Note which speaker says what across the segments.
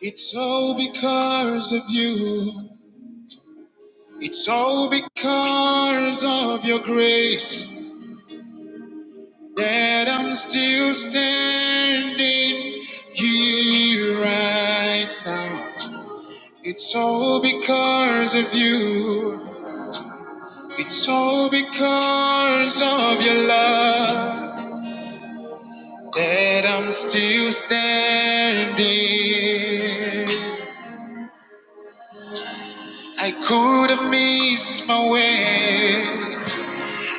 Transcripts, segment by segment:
Speaker 1: It's all because of you. It's all because of your grace that I'm still standing here right now. It's all because of you. It's all because of your love that I'm still standing. I could have missed my way.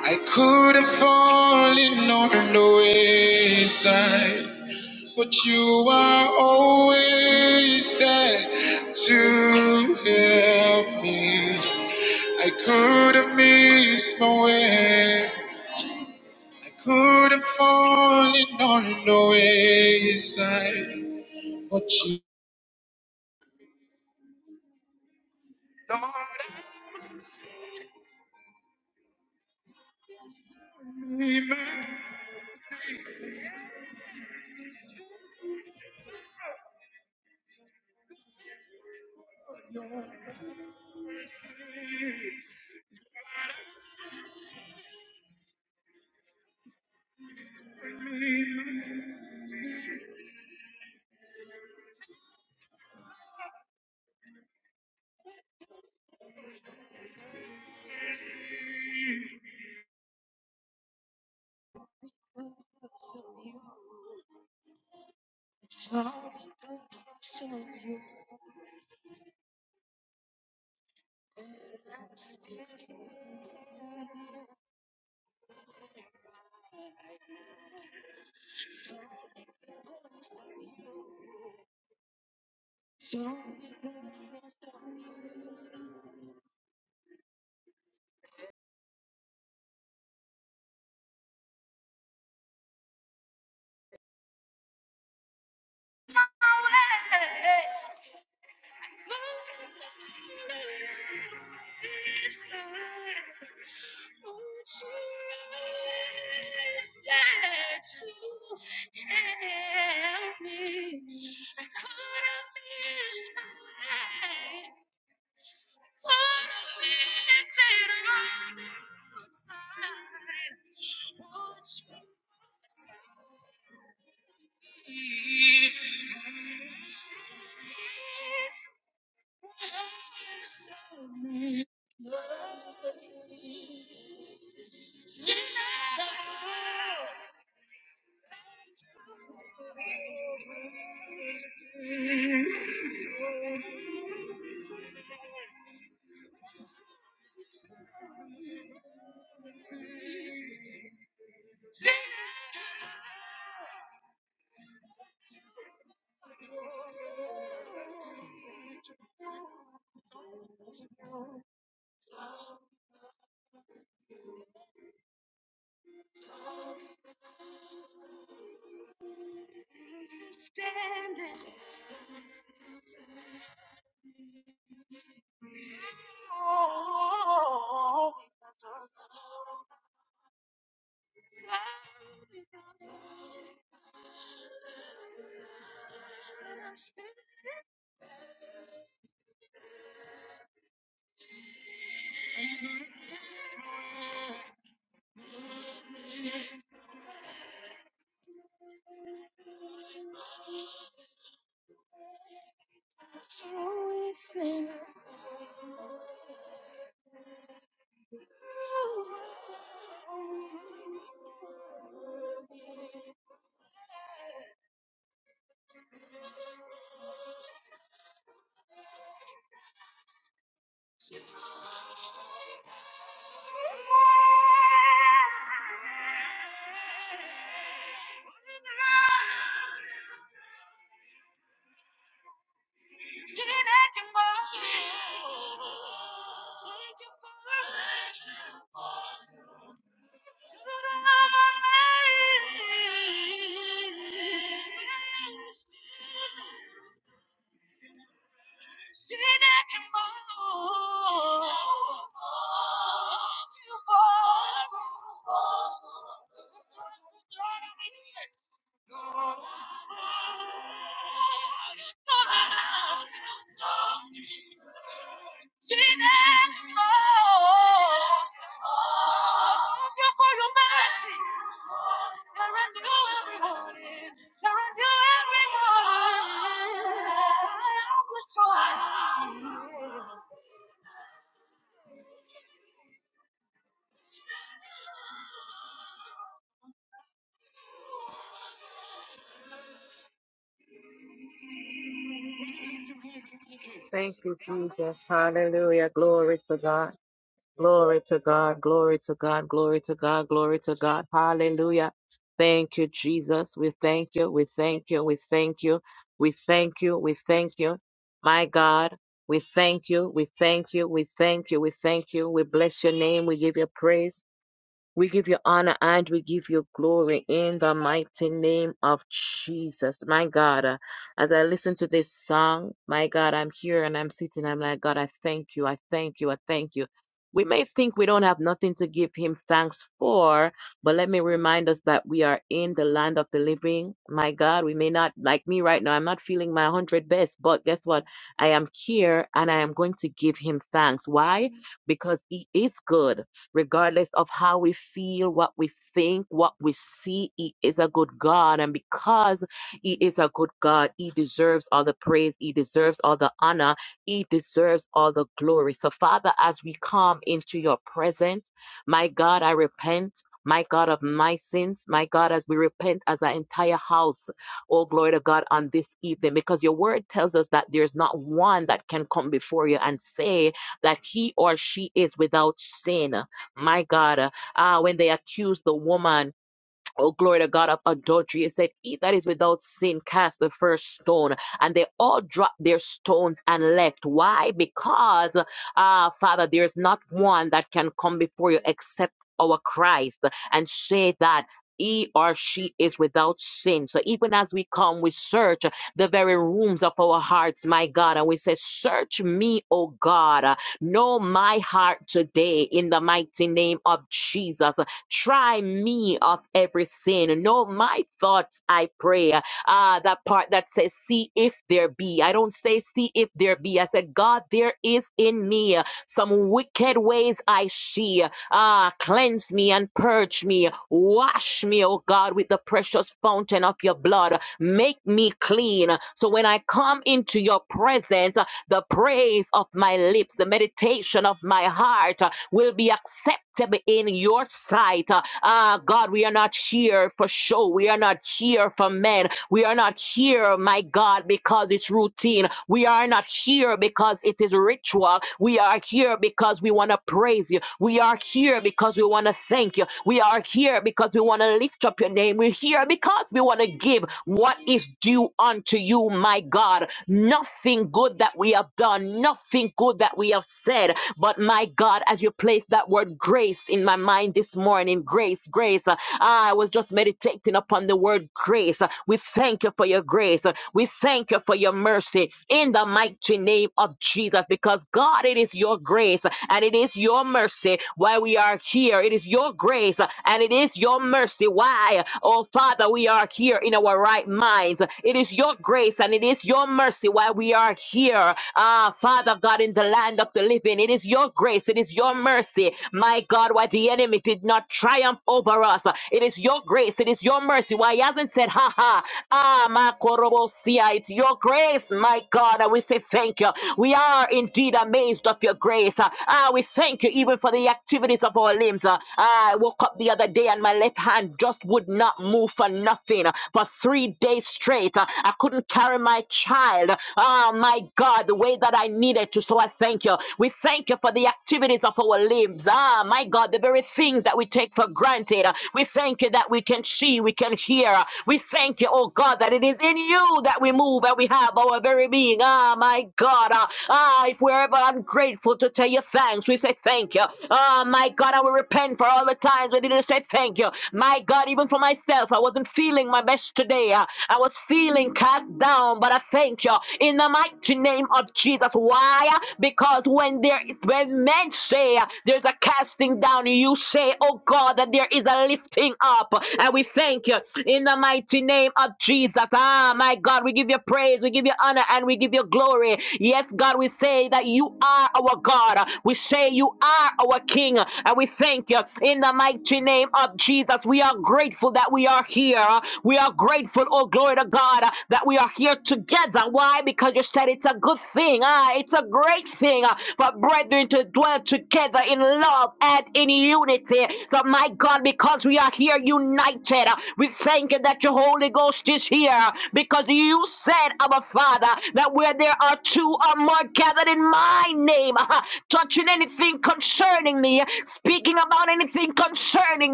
Speaker 1: I could have fallen on the wayside, but you are always there to help me. I could have missed my way. I could have fallen on the wayside, but you.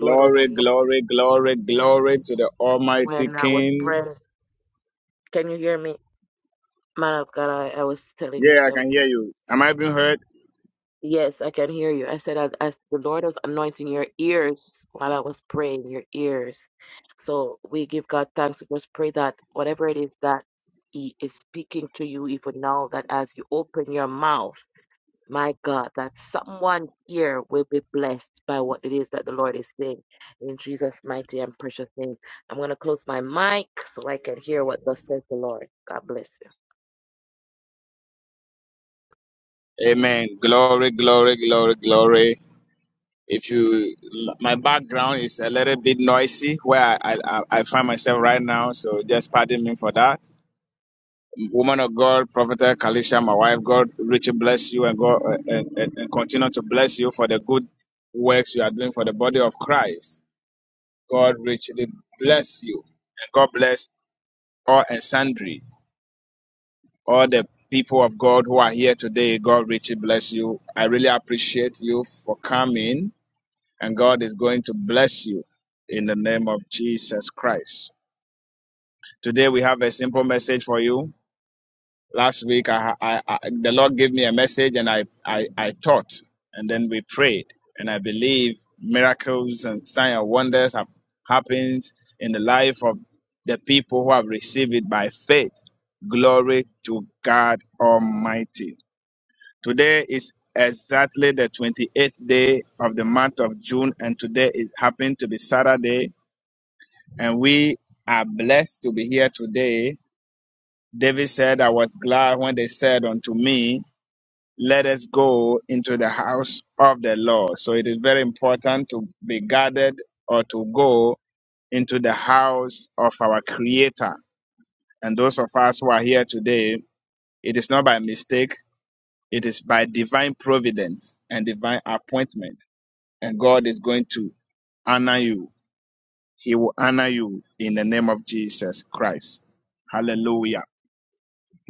Speaker 2: Glory, glory, glory, glory to the Almighty King. Yeah, I can hear you. Am I being heard? Amen. Glory, glory, glory, glory. If you, my background is a little bit noisy where I, I, I find myself right now, so just pardon me for that. Woman of God, Prophetess Kalisha, my wife, God, richly bless you and God and, and, and continue to bless you for the good works you are doing for the body of Christ. God richly bless you and God bless all and sundry. all the people of God who are here today. God richly bless you. I really appreciate you for coming, and God is going to bless you in the name of Jesus Christ. Today we have a simple message for you. Last week, I, I, I, the Lord gave me a message, and I, I, I taught, and then we prayed, and I believe miracles and sign and wonders have happened in the life of the people who have received it by faith. Glory to God Almighty. Today is exactly the 28th day of the month of June, and today it happened to be Saturday, and we are blessed to be here today. David said, I was glad when they said unto me, Let us go into the house of the Lord. So it is very important to be guarded or to go into the house of our Creator. And those of us who are here today, it is not by mistake, it is by divine providence and divine appointment. and God is going to honor you. He will honor you in the name of Jesus Christ. Hallelujah.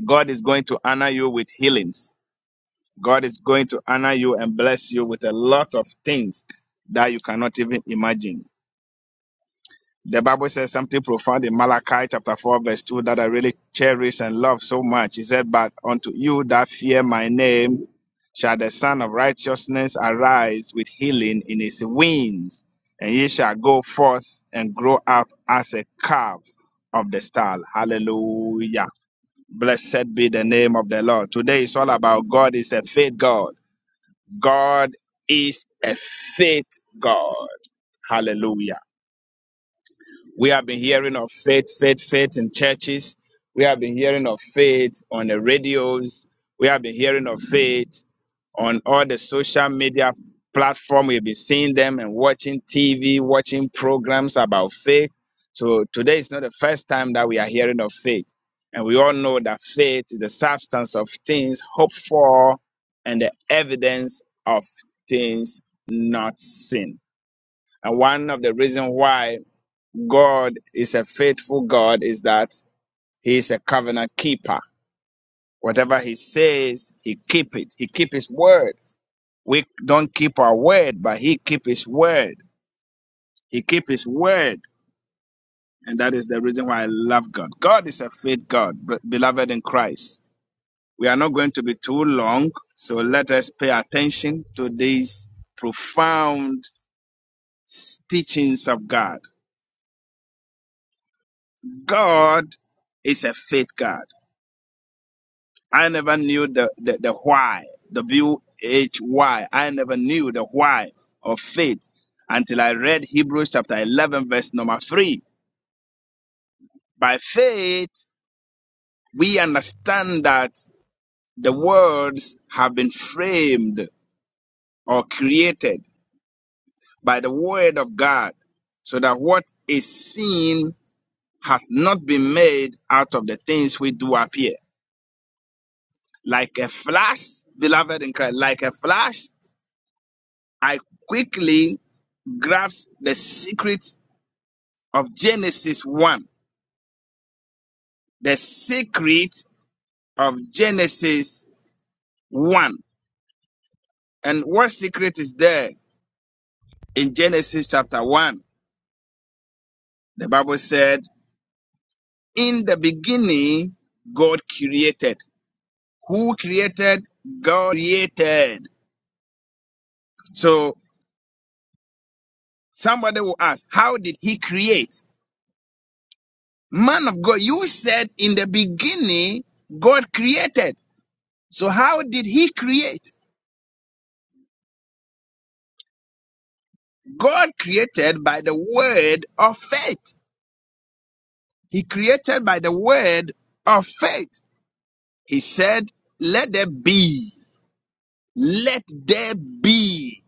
Speaker 2: God is going to honor you with healings. God is going to honor you and bless you with a lot of things that you cannot even imagine. The Bible says something profound in Malachi chapter 4, verse 2 that I really cherish and love so much. He said, But unto you that fear my name shall the Son of Righteousness arise with healing in his wings, and ye shall go forth and grow up as a calf of the stall. Hallelujah. Blessed be the name of the Lord. Today is all about God is a faith God. God is a faith God. Hallelujah. We have been hearing of faith, faith, faith in churches. We have been hearing of faith on the radios. We have been hearing of faith on all the social media platform. We've been seeing them and watching TV, watching programs about faith. So today is not the first time that we are hearing of faith. And we all know that faith is the substance of things hoped for and the evidence of things not seen. And one of the reasons why God is a faithful God is that he is a covenant keeper. Whatever he says, he keep it. He keep his word. We don't keep our word, but he keep his word. He keep his word. And that is the reason why I love God. God is a faith God, be- beloved in Christ. We are not going to be too long, so let us pay attention to these profound teachings of God. God is a faith God. I never knew the, the, the why, W H Y. I never knew the why of faith until I read Hebrews chapter 11, verse number 3. By faith, we understand that the worlds have been framed or created by the word of God, so that what is seen hath not been made out of the things which do appear. Like a flash, beloved in Christ, like a flash, I quickly grasps the secret of Genesis 1. The secret of Genesis 1. And what secret is there in Genesis chapter 1? The Bible said, In the beginning, God created. Who created? God created. So somebody will ask, How did he create? Man of God, you said in the beginning, God created. So how did he create? God created by the word of faith. He created by the word of faith. He said, Let there be. Let there be.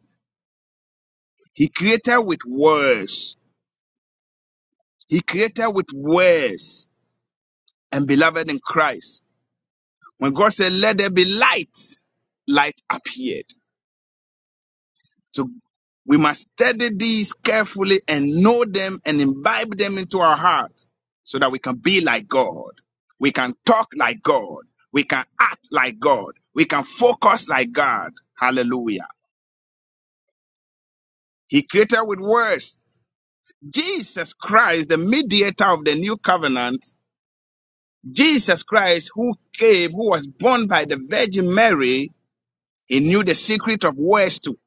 Speaker 2: He created with words. He created with words. And beloved in Christ, when God said, Let there be light, light appeared. So we must study these carefully and know them and imbibe them into our heart so that we can be like God. We can talk like God. We can act like God. We can focus like God. Hallelujah. He created with words. Jesus Christ, the mediator of the new covenant, Jesus Christ, who came, who was born by the Virgin Mary, he knew the secret of words too,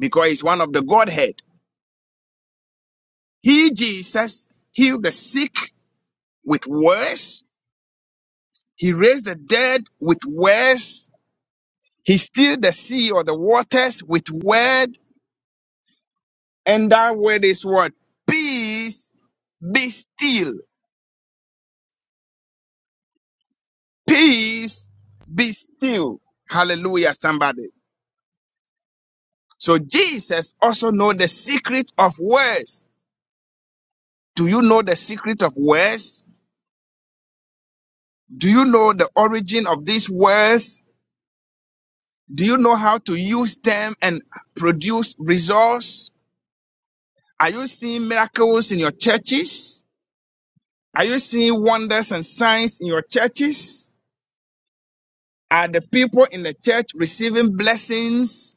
Speaker 2: because he's one of the Godhead. He, Jesus, healed the sick with words. He raised the dead with words. He stilled the sea or the waters with word. And that word is what? Peace, be still. Peace, be still. Hallelujah, somebody. So Jesus also know the secret of words. Do you know the secret of words? Do you know the origin of these words? Do you know how to use them and produce results? Are you seeing miracles in your churches? Are you seeing wonders and signs in your churches? Are the people in the church receiving blessings?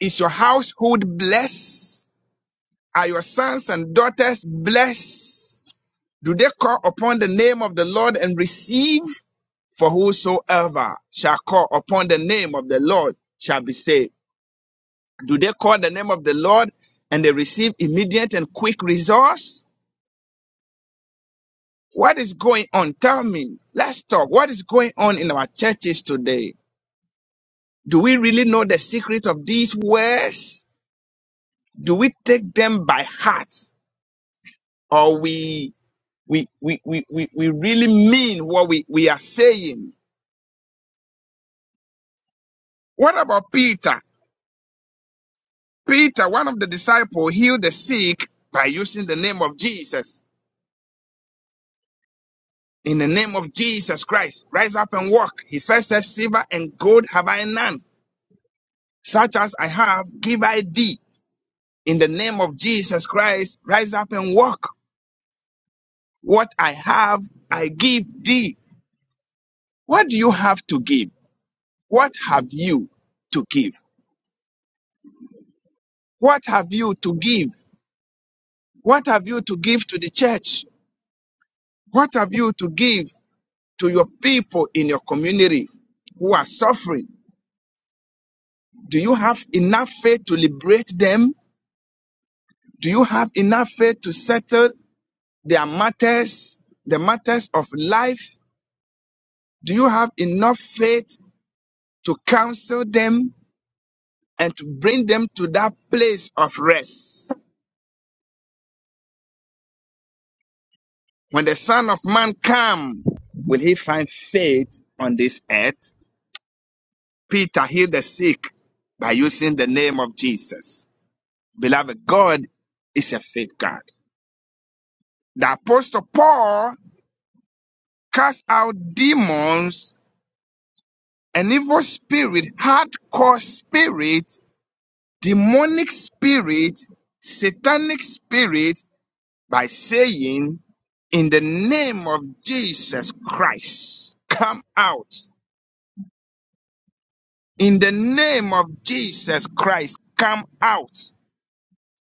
Speaker 2: Is your household blessed? Are your sons and daughters blessed? Do they call upon the name of the Lord and receive? For whosoever shall call upon the name of the Lord shall be saved. Do they call the name of the Lord and they receive immediate and quick resource? What is going on? Tell me. Let's talk. What is going on in our churches today? Do we really know the secret of these words? Do we take them by heart? Or we we we we, we, we really mean what we, we are saying? What about Peter? Peter, one of the disciples, healed the sick by using the name of Jesus. In the name of Jesus Christ, rise up and walk. He first said, Silver and gold have I none. Such as I have, give I thee. in the name of Jesus Christ, rise up and walk. What I have, I give thee. What do you have to give? What have you to give? What have you to give? What have you to give to the church? What have you to give to your people in your community who are suffering? Do you have enough faith to liberate them? Do you have enough faith to settle their matters, the matters of life? Do you have enough faith to counsel them? and to bring them to that place of rest. When the Son of Man come, will he find faith on this earth? Peter healed the sick by using the name of Jesus. Beloved, God is a faith God. The Apostle Paul cast out demons, an evil spirit, hardcore spirit, demonic spirit, satanic spirit, by saying, In the name of Jesus Christ, come out. In the name of Jesus Christ, come out.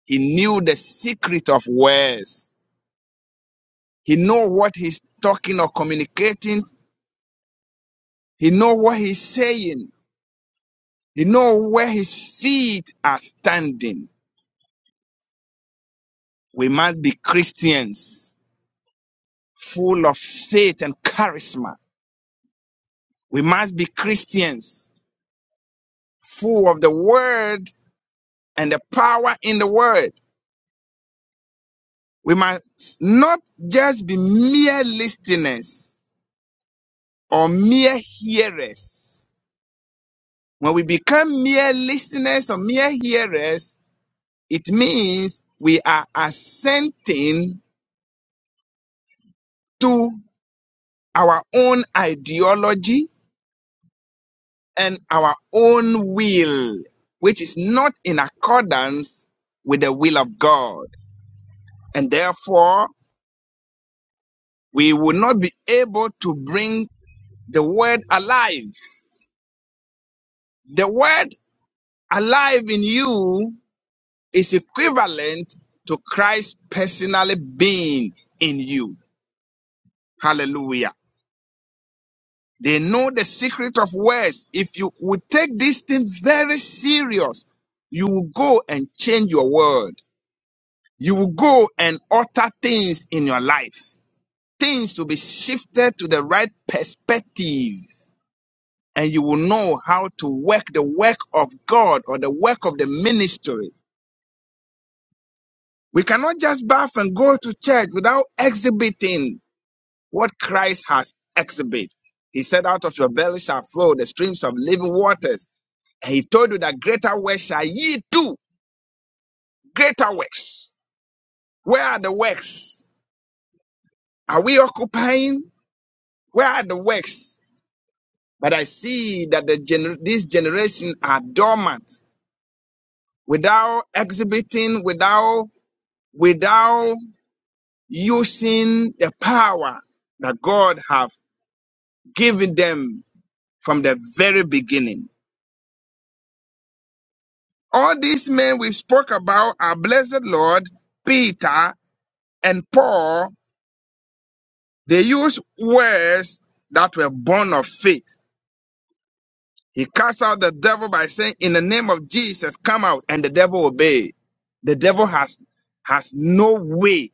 Speaker 2: He knew the secret of words. He know what he's talking or communicating. He know what he's saying. He know where his feet are standing. We must be Christians full of faith and charisma. We must be Christians full of the word and the power in the word. We must not just be mere listeners or mere hearers. When we become mere listeners or mere hearers, it means we are assenting to our own ideology and our own will, which is not in accordance with the will of God. And therefore, we will not be able to bring the word alive The word alive in you is equivalent to Christ personally being in you. Hallelujah. They know the secret of words. If you would take this thing very serious, you will go and change your world. You will go and alter things in your life. Things will be shifted to the right perspective and you will know how to work the work of God or the work of the ministry We cannot just bath and go to church without exhibiting what Christ has exhibited. He said, Out of your belly shall flow the streams of living waters. And he told you that greater works shall ye do. Greater works. Where are the works? Are we occupying? Where are the works? But I see that the gener- this generation are dormant without exhibiting, without without using the power that God have given them from the very beginning. All these men we spoke about, our blessed Lord, Peter, and Paul, they used words that were born of faith. He cast out the devil by saying, In the name of Jesus, come out, and the devil obeyed. The devil has, has no way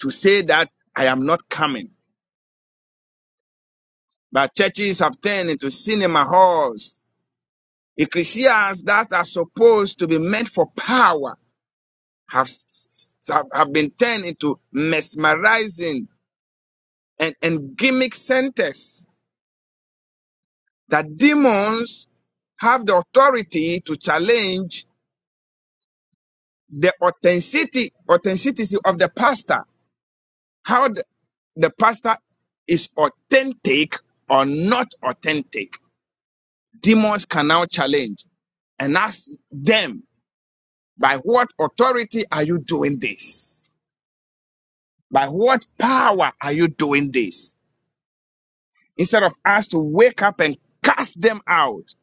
Speaker 2: to say that I am not coming. But churches have turned into cinema halls, ecclesias that are supposed to be meant for power have, s- s- have been turned into mesmerizing and, and gimmick centers that demons have the authority to challenge the authenticity authenticity of the pastor how the, the pastor is authentic or not authentic demons can now challenge and ask them by what authority are you doing this by what power are you doing this Instead of us to wake up and cast them out,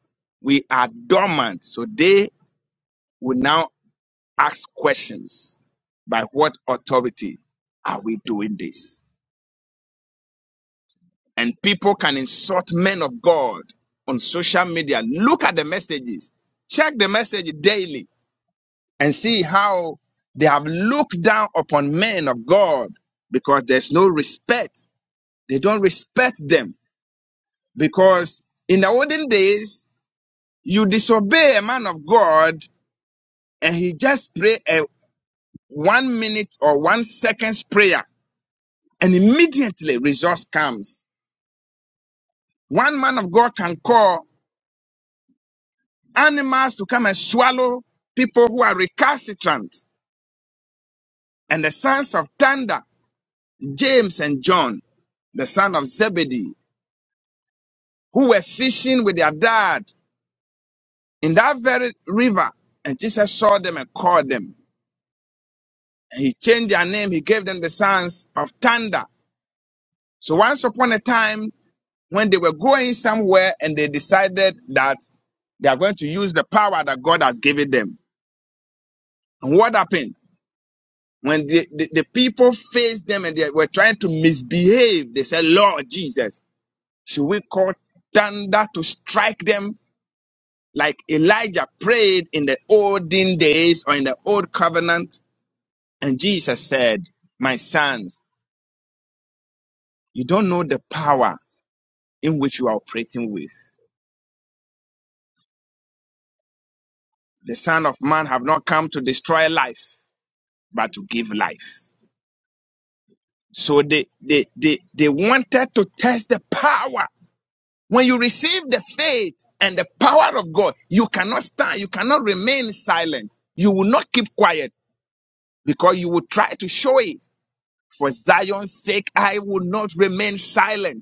Speaker 2: we are dormant. So they will now ask questions. By what authority are we doing this? And people can insult men of God on social media. Look at the messages. Check the message daily and see how they have looked down upon men of God because there's no respect. They don't respect them because in the olden days, You disobey a man of God and he just pray a one minute or one seconds prayer and immediately resource comes. One man of God can call animals to come and swallow people who are recalcitrant and the sons of thunder, James and John, the son of Zebedee, who were fishing with their dad in that very river. And Jesus saw them and called them. And he changed their name. He gave them the sons of thunder. So once upon a time, when they were going somewhere and they decided that they are going to use the power that God has given them. And what happened? When the, the, the people faced them and they were trying to misbehave, they said, Lord Jesus, should we call thunder to strike them like Elijah prayed in the olden days or in the old covenant? And Jesus said, My sons, you don't know the power in which you are operating with. The Son of Man have not come to destroy life, but to give life. So they, they, they, they wanted to test the power. When you receive the faith and the power of God, you cannot stand, you cannot remain silent. You will not keep quiet because you will try to show it. For Zion's sake, I will not remain silent.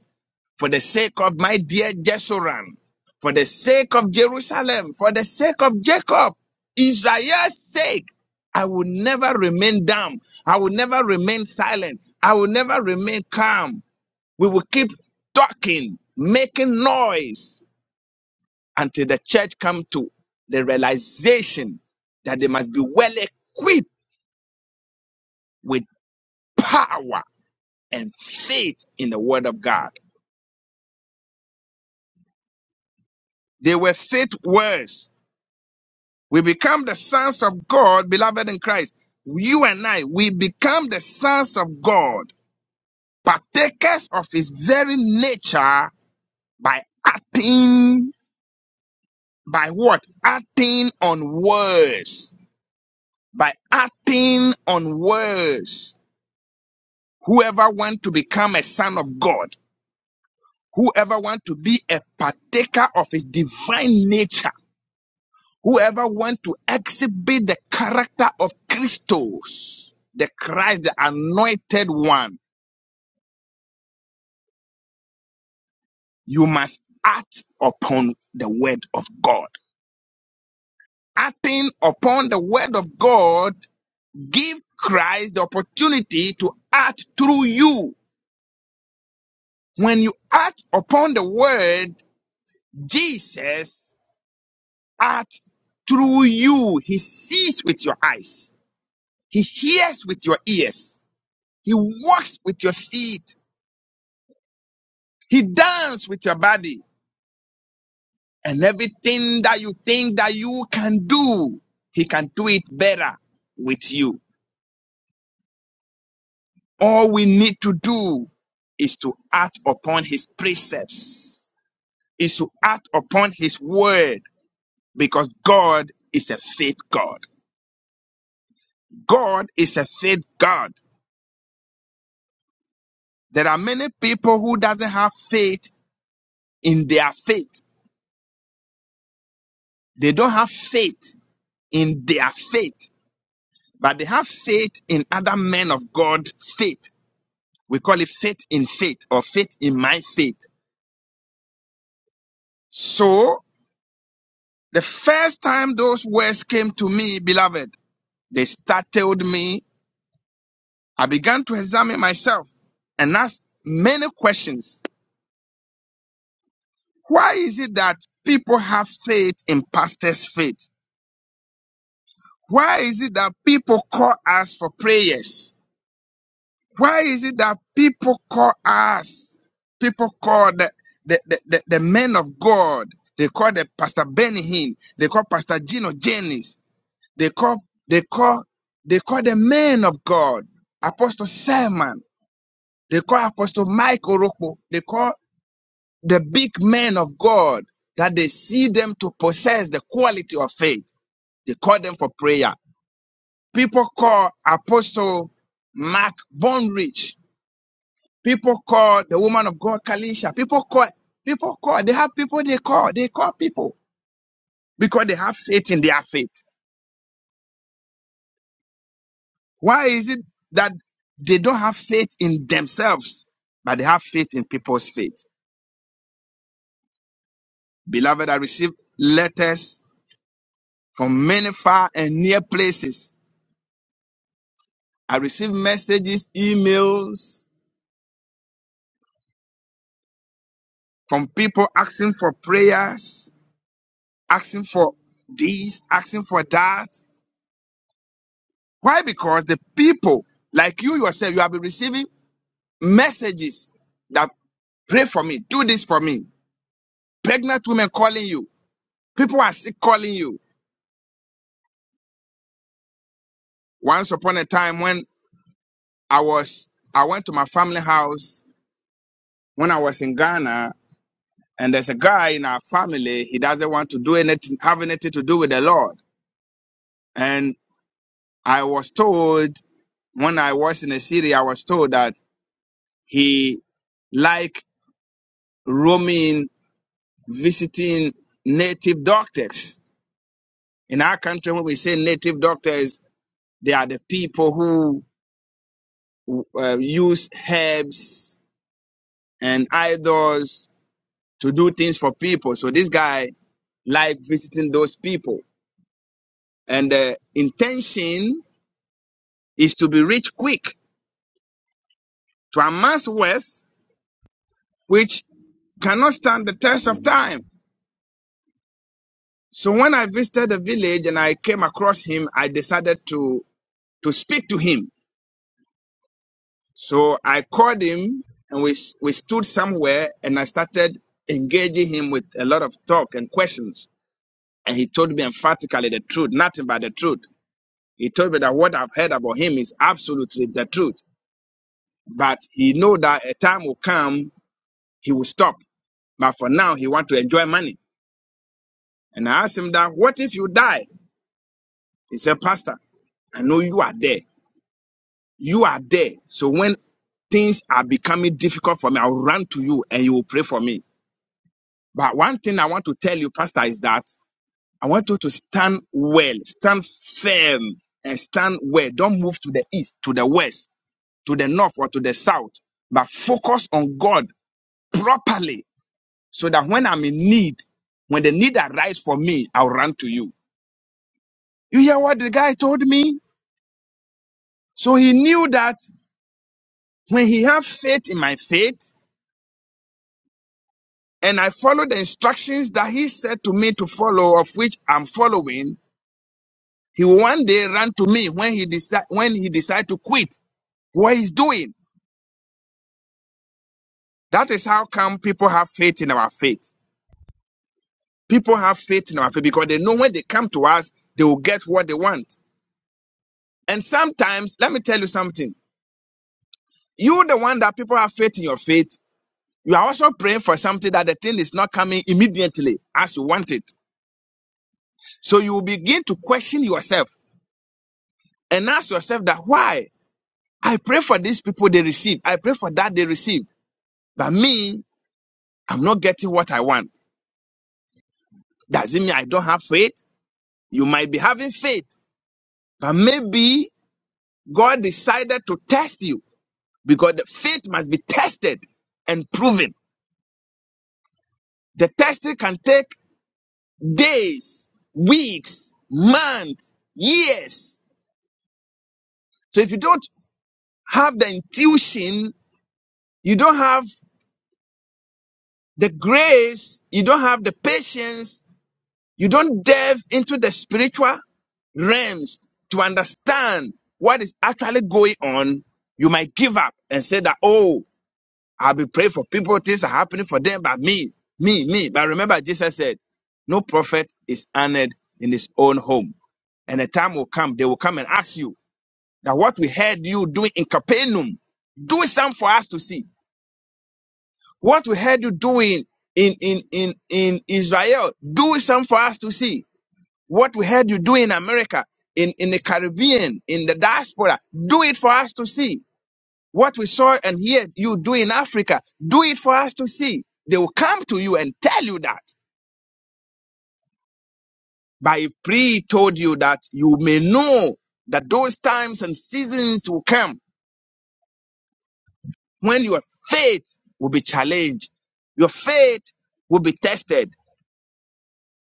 Speaker 2: for the sake of my dear Jeshurun, for the sake of Jerusalem, for the sake of Jacob, Israel's sake, I will never remain dumb. I will never remain silent. I will never remain calm. We will keep talking, making noise until the church come to the realization that they must be well equipped with power and faith in the word of God. They were faith words We become the sons of God, beloved in Christ. You and I, we become the sons of God, partakers of his very nature by acting, by what? Acting on words. By acting on words. Whoever want to become a son of God, whoever want to be a partaker of his divine nature, Whoever wants to exhibit the character of Christos, the Christ, the anointed one, you must act upon the word of God. Acting upon the word of God, give Christ the opportunity to act through you. When you act upon the word, Jesus acts through you. He sees with your eyes. He hears with your ears. He walks with your feet. He danced with your body and everything that you think that you can do, he can do it better with you. All we need to do is to act upon his precepts, is to act upon his word because God is a faith God. God is a faith God. There are many people who doesn't have faith in their faith. They don't have faith in their faith, but they have faith in other men of God faith We call it faith in faith or faith in my faith. So the first time those words came to me, beloved, they startled me. I began to examine myself and ask many questions. Why is it that people have faith in pastors' faith? Why is it that people call us for prayers? Why is it that people call us, people call the, the, the, the, the men of God, they call the Pastor Benny Hinn, they call Pastor Gino Jennings, they call, they call, they call the men of God, Apostle Simon, they call Apostle Mike Oroko. they call the big men of God that they see them to possess the quality of faith. They call them for prayer. People call Apostle Mark Bonrich People call the woman of God Kalisha. People call, people call. They have people they call. They call people because they have faith in their faith. Why is it that they don't have faith in themselves, but they have faith in people's faith? Beloved, I receive letters from many far and near places. I receive messages, emails from people asking for prayers, asking for this, asking for that. Why? Because the people like you yourself, you have been receiving Messages that pray for me, do this for me. Pregnant women calling you. People are sick calling you. Once upon a time when I was I went to my family house when I was in Ghana, and there's a guy in our family, he doesn't want to do anything, have anything to do with the Lord. And I was told when I was in the city, I was told that he like roaming, visiting native doctors. In our country, when we say native doctors They are the people who uh, use herbs and idols to do things for people. So this guy liked visiting those people. And the intention is to be rich quick, to amass wealth, which cannot stand the test of time. So when I visited the village and I came across him, I decided to, to speak to him. So I called him and we, we stood somewhere and I started engaging him with a lot of talk and questions. And he told me emphatically the truth, nothing but the truth. He told me that what I've heard about him is absolutely the truth. But he know that a time will come he will stop. But for now, he want to enjoy money. And I asked him that, what if you die? He said, Pastor, I know you are there. You are there. So when things are becoming difficult for me, I'll run to you and you will pray for me. But one thing I want to tell you, Pastor, is that I want you to stand well, stand firm, and stand well. Don't move to the east, to the west to the north or to the south, but focus on God properly so that when I'm in need, when the need arises for me, I'll run to you. You hear what the guy told me? So he knew that when he have faith in my faith and I follow the instructions that he said to me to follow, of which I'm following, he will one day run to me when he decide when he decide to quit what he's doing. That is how come people have faith in our faith. People have faith in our faith because they know when they come to us, they will get what they want. And sometimes, let me tell you something. You, the one that people have faith in your faith, you are also praying for something that the thing is not coming immediately as you want it. So you will begin to question yourself and ask yourself that why I pray for these people they receive. I pray for that they receive. But me, I'm not getting what I want. Does it mean I don't have faith? You might be having faith, but maybe God decided to test you because the faith must be tested and proven. The testing can take days, weeks, months, years. So if you don't have the intuition, you don't have the grace, you don't have the patience, you don't delve into the spiritual realms to understand what is actually going on, you might give up and say that, oh, I'll be praying for people. Things are happening for them, but me, me, me. But remember, Jesus said, No prophet is honored in his own home. And a time will come, they will come and ask you that what we heard you doing in Capernaum, do some for us to see. What we heard you doing in, in, in, in Israel, do some for us to see. What we heard you doing in America, in, in the Caribbean, in the diaspora, do it for us to see. What we saw and hear you do in Africa, do it for us to see. They will come to you and tell you that. By pre told you that you may know that those times and seasons will come when your faith will be challenged. Your faith will be tested,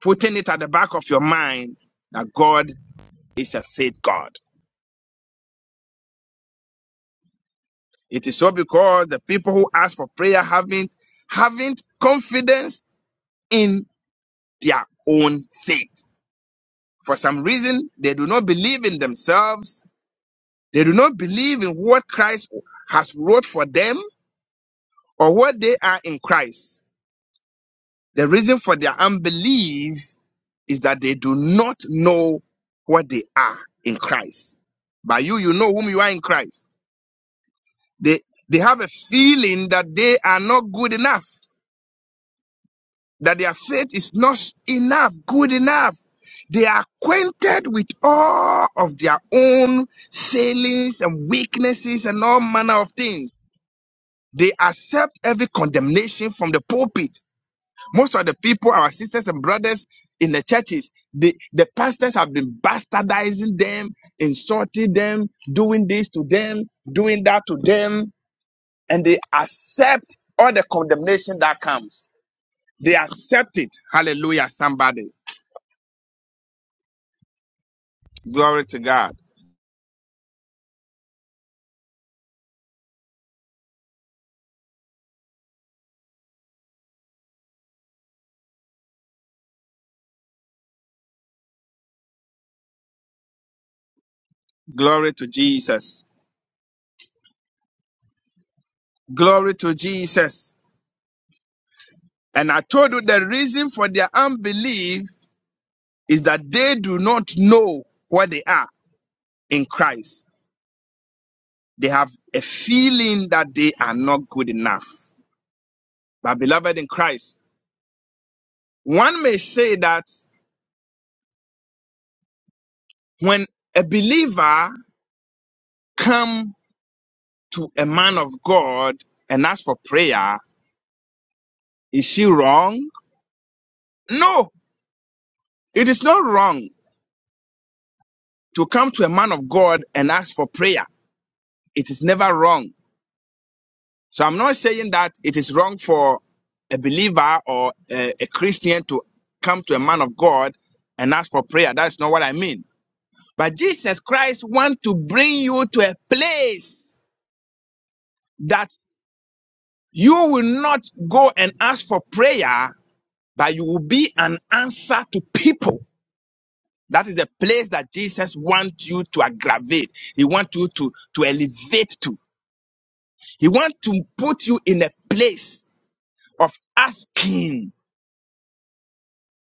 Speaker 2: putting it at the back of your mind that God is a faith God. It is so because the people who ask for prayer haven't haven't confidence in their own faith. For some reason, they do not believe in themselves. They do not believe in what Christ has wrote for them or what they are in Christ. The reason for their unbelief is that they do not know what they are in Christ. By you, you know whom you are in Christ. They, they have a feeling that they are not good enough. that their faith is not enough, good enough. They are acquainted with all of their own failings and weaknesses and all manner of things. They accept every condemnation from the pulpit. Most of the people, our sisters and brothers in the churches, the, the pastors have been bastardizing them, insulting them, doing this to them, doing that to them, and they accept all the condemnation that comes. They accept it. Hallelujah, somebody. Glory to God. Glory to Jesus. Glory to Jesus. And I told you the reason for their unbelief is that they do not know what they are in Christ. They have a feeling that they are not good enough. But beloved in Christ, one may say that when a believer come to a man of God and ask for prayer, is she wrong? No, it is not wrong to come to a man of God and ask for prayer. It is never wrong. So I'm not saying that it is wrong for a believer or a, a Christian to come to a man of God and ask for prayer. That's not what I mean. But Jesus Christ wants to bring you to a place that you will not go and ask for prayer, but you will be an answer to people. That is the place that Jesus wants you to aggravate. He wants you to, to elevate to. He wants to put you in a place. of asking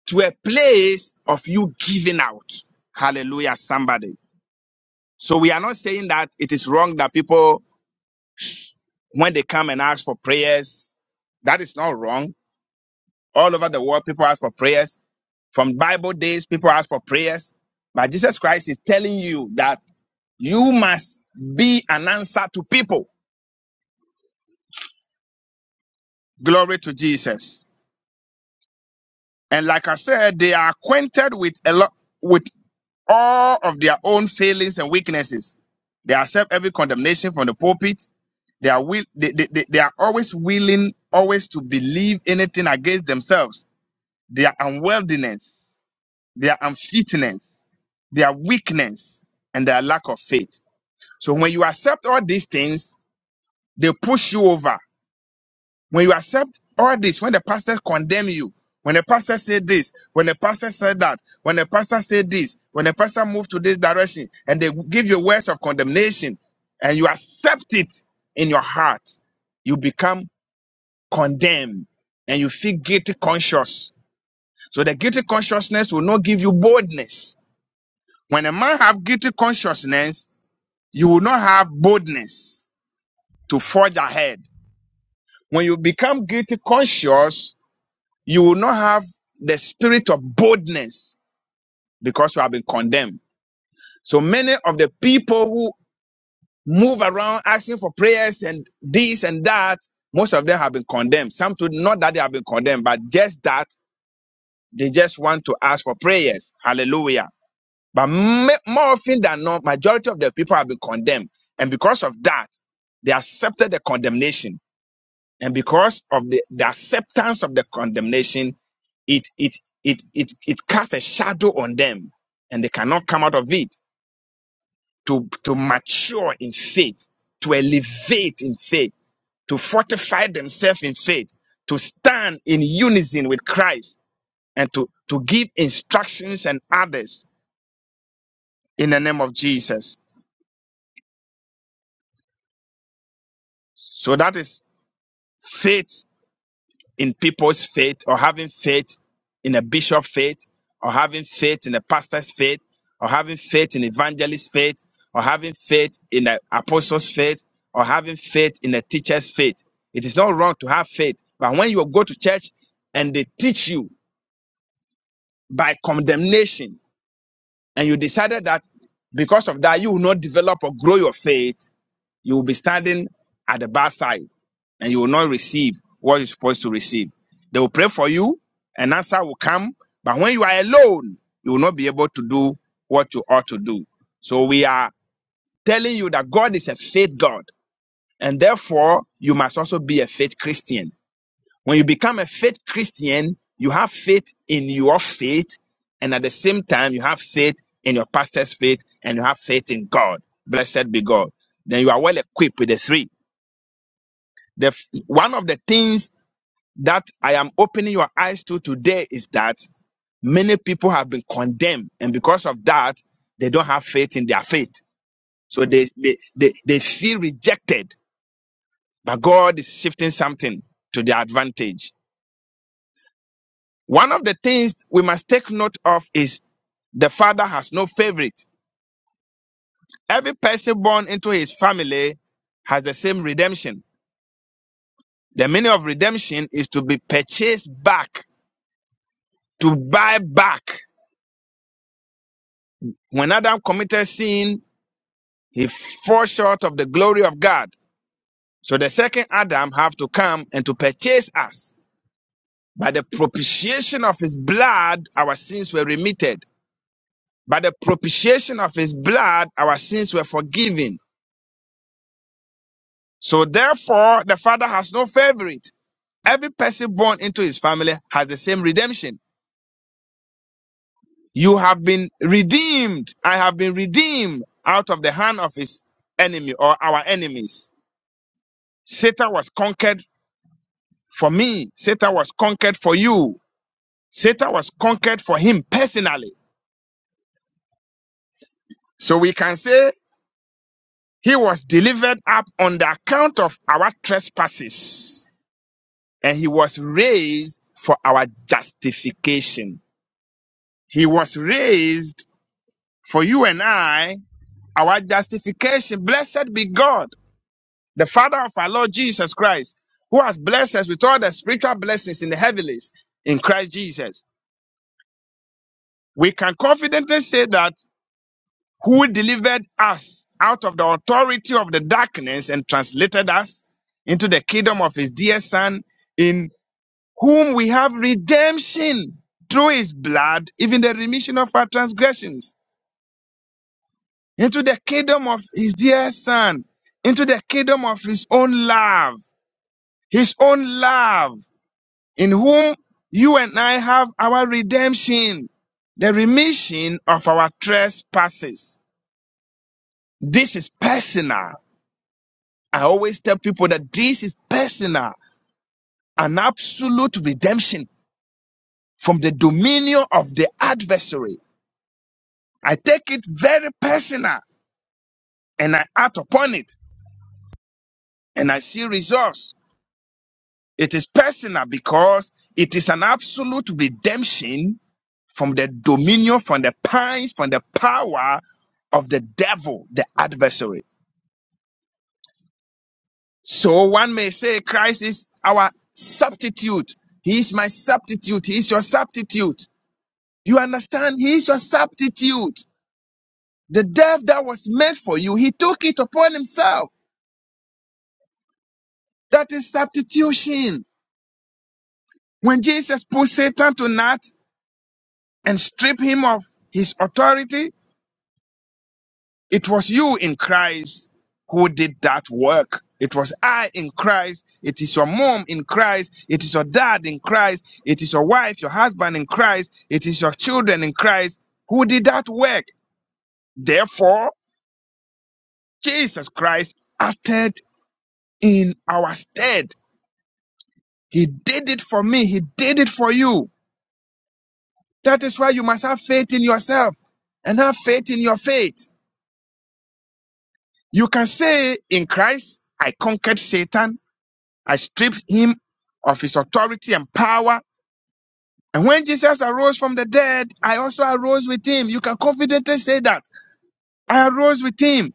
Speaker 2: to a place of you giving out. Hallelujah, somebody. So we are not saying that it is wrong that people, when they come and ask for prayers, that is not wrong. All over the world, people ask for prayers. From Bible days, people ask for prayers. But Jesus Christ is telling you that you must be an answer to people. Glory to Jesus. And like I said, they are acquainted with a lot with all of their own failings and weaknesses. They accept every condemnation from the pulpit. They are will they, they, they they are always willing always to believe anything against themselves. Their unworthiness, their unfitness, their weakness, and their lack of faith. So when you accept all these things, they push you over when you accept all this, when the pastor condemn you, when the pastor said this, when the pastor said that, when the pastor said this, when the pastor moved to this direction, and they give you words of condemnation, and you accept it in your heart, you become condemned and you feel guilty conscious. So the guilty consciousness will not give you boldness. When a man have guilty consciousness, you will not have boldness to forge ahead. When you become guilty conscious, You will not have the spirit of boldness because you have been condemned. So many of the people who move around asking for prayers and this and that, most of them have been condemned. Some to not that they have been condemned, but just that they just want to ask for prayers. Hallelujah. But ma- more often than not, majority of the people have been condemned. And because of that, they accepted the condemnation. And because of the, the acceptance of the condemnation, it it it it it casts a shadow on them and they cannot come out of it to to mature in faith to elevate in faith to fortify themselves in faith to stand in unison with christ and to to give instructions and others in the name of jesus so that is faith in people's faith or having faith in a bishop's faith or having faith in a pastor's faith or having faith in evangelist's faith or having faith in an apostle's faith or having faith in a teacher's faith. It is not wrong to have faith, but when you go to church and they teach you by condemnation and you decided that because of that you will not develop or grow your faith, you will be standing at the backside and you will not receive what you're supposed to receive. They will pray for you, and answer will come. But when you are alone, you will not be able to do what you ought to do. So we are telling you that God is a faith God, and therefore you must also be a faith Christian. When you become a faith Christian, you have faith in your faith, and at the same time, you have faith in your pastor's faith, and you have faith in God. Blessed be God. Then you are well equipped with the three. The f- one of the things that I am opening your eyes to today is that many people have been condemned, and because of that, they don't have faith in their faith. So they they they, they feel rejected, but God is shifting something to their advantage. One of the things we must take note of is the father has no favorite. Every person born into his family has the same redemption. The meaning of redemption is to be purchased back, to buy back. When Adam committed sin, He falls short of the glory of God. So the second Adam have to come and to purchase us. By the propitiation of his blood, our sins were remitted. By the propitiation of his blood, our sins were forgiven. So therefore, the Father has no favorite. Every person born into his family has the same redemption. You have been redeemed. I have been redeemed out of the hand of his enemy or our enemies. Satan was conquered for me. Satan was conquered for you. Satan was conquered for him personally. So we can say he was delivered up on the account of our trespasses and he was raised for our justification. He was raised for you and I, our justification. Blessed be God, the Father of our Lord Jesus Christ, who has blessed us with all the spiritual blessings in the heavenlies in Christ Jesus. We can confidently say that who delivered us out of the authority of the darkness and translated us into the kingdom of his dear son, in whom we have redemption through his blood, even the remission of our transgressions, into the kingdom of his dear son, into the kingdom of his own love, his own love, in whom you and I have our redemption, the remission of our trespasses. This is personal. I always tell people that this is personal, an absolute redemption from the dominion of the adversary. I take it very personal and I act upon it and I see results. It is personal because it is an absolute redemption from the dominion, from the pines, from the power of the devil, the adversary. So one may say Christ is our substitute. He is my substitute. He is your substitute. You understand? He is your substitute. The death that was meant for you, he took it upon himself. That is substitution. When Jesus put Satan to naught and stripped him of his authority, it was you in Christ who did that work. It was I in Christ. It is your mom in Christ. It is your dad in Christ. It is your wife, your husband in Christ. It is your children in Christ who did that work. Therefore, Jesus Christ acted in our stead. He did it for me. He did it for you. That is why you must have faith in yourself and have faith in your faith. You can say, In Christ, I conquered Satan. I stripped him of his authority and power. And when Jesus arose from the dead, I also arose with him. You can confidently say that. I arose with him.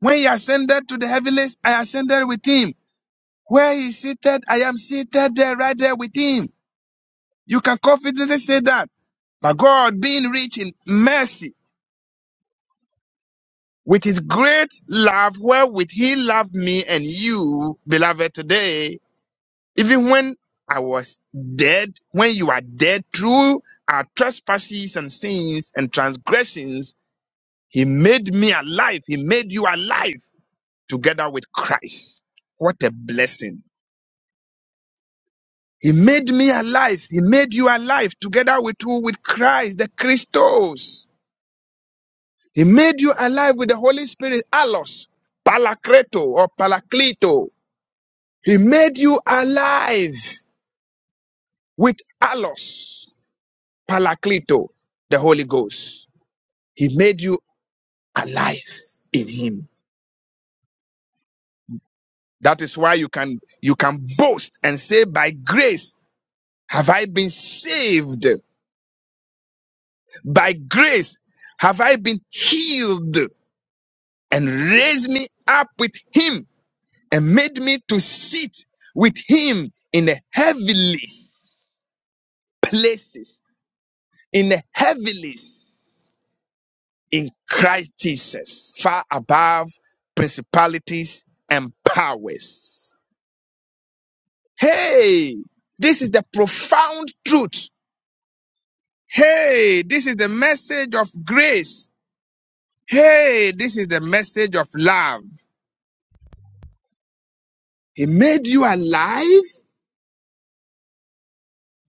Speaker 2: When he ascended to the heavens, I ascended with him. Where he is seated, I am seated there, right there with him. You can confidently say that. But God, being rich in mercy, with his great love wherewith he loved me and you, beloved, today, even when I was dead, when you are dead through our trespasses and sins and transgressions, he made me alive. He made you alive together with Christ. What a blessing. He made me alive. He made you alive together with who? With Christ, the Christos. He made you alive with the Holy Spirit, allos, palakreto or palaklito. He made you alive with allos, palaklito, the Holy Ghost. He made you alive in him. That is why you can you can boast and say, by grace have I been saved. By grace have I been healed and raised me up with him and made me to sit with him in the heavenlies places, in the heavenlies in Christ Jesus, far above principalities and powers. Hey, this is the profound truth. Hey, this is the message of grace. Hey, this is the message of love. He made you alive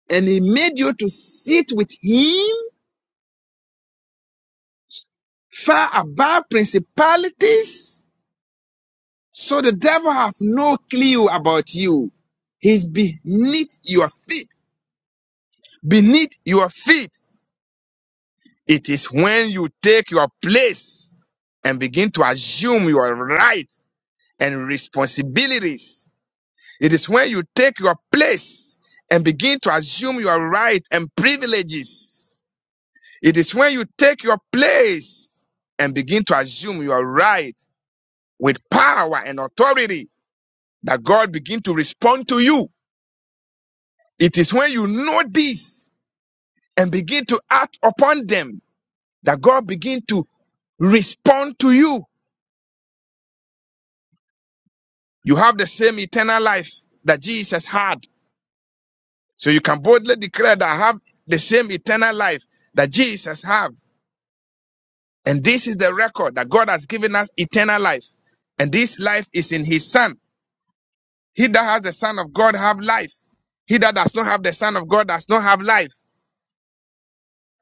Speaker 2: and he made you to sit with him far above principalities. So the devil have no clue about you. He's beneath your feet. Beneath your feet. It is when you take your place and begin to assume your right and responsibilities. It is when you take your place and begin to assume your right and privileges. It is when you take your place and begin to assume your right with power and authority. that God begin to respond to you. It is when you know this and begin to act upon them that God begin to respond to you. You have the same eternal life that Jesus had. So you can boldly declare that I have the same eternal life that Jesus have. And this is the record that God has given us eternal life. And this life is in his son. He that has the son of God have life. He that does not have the son of God does not have life.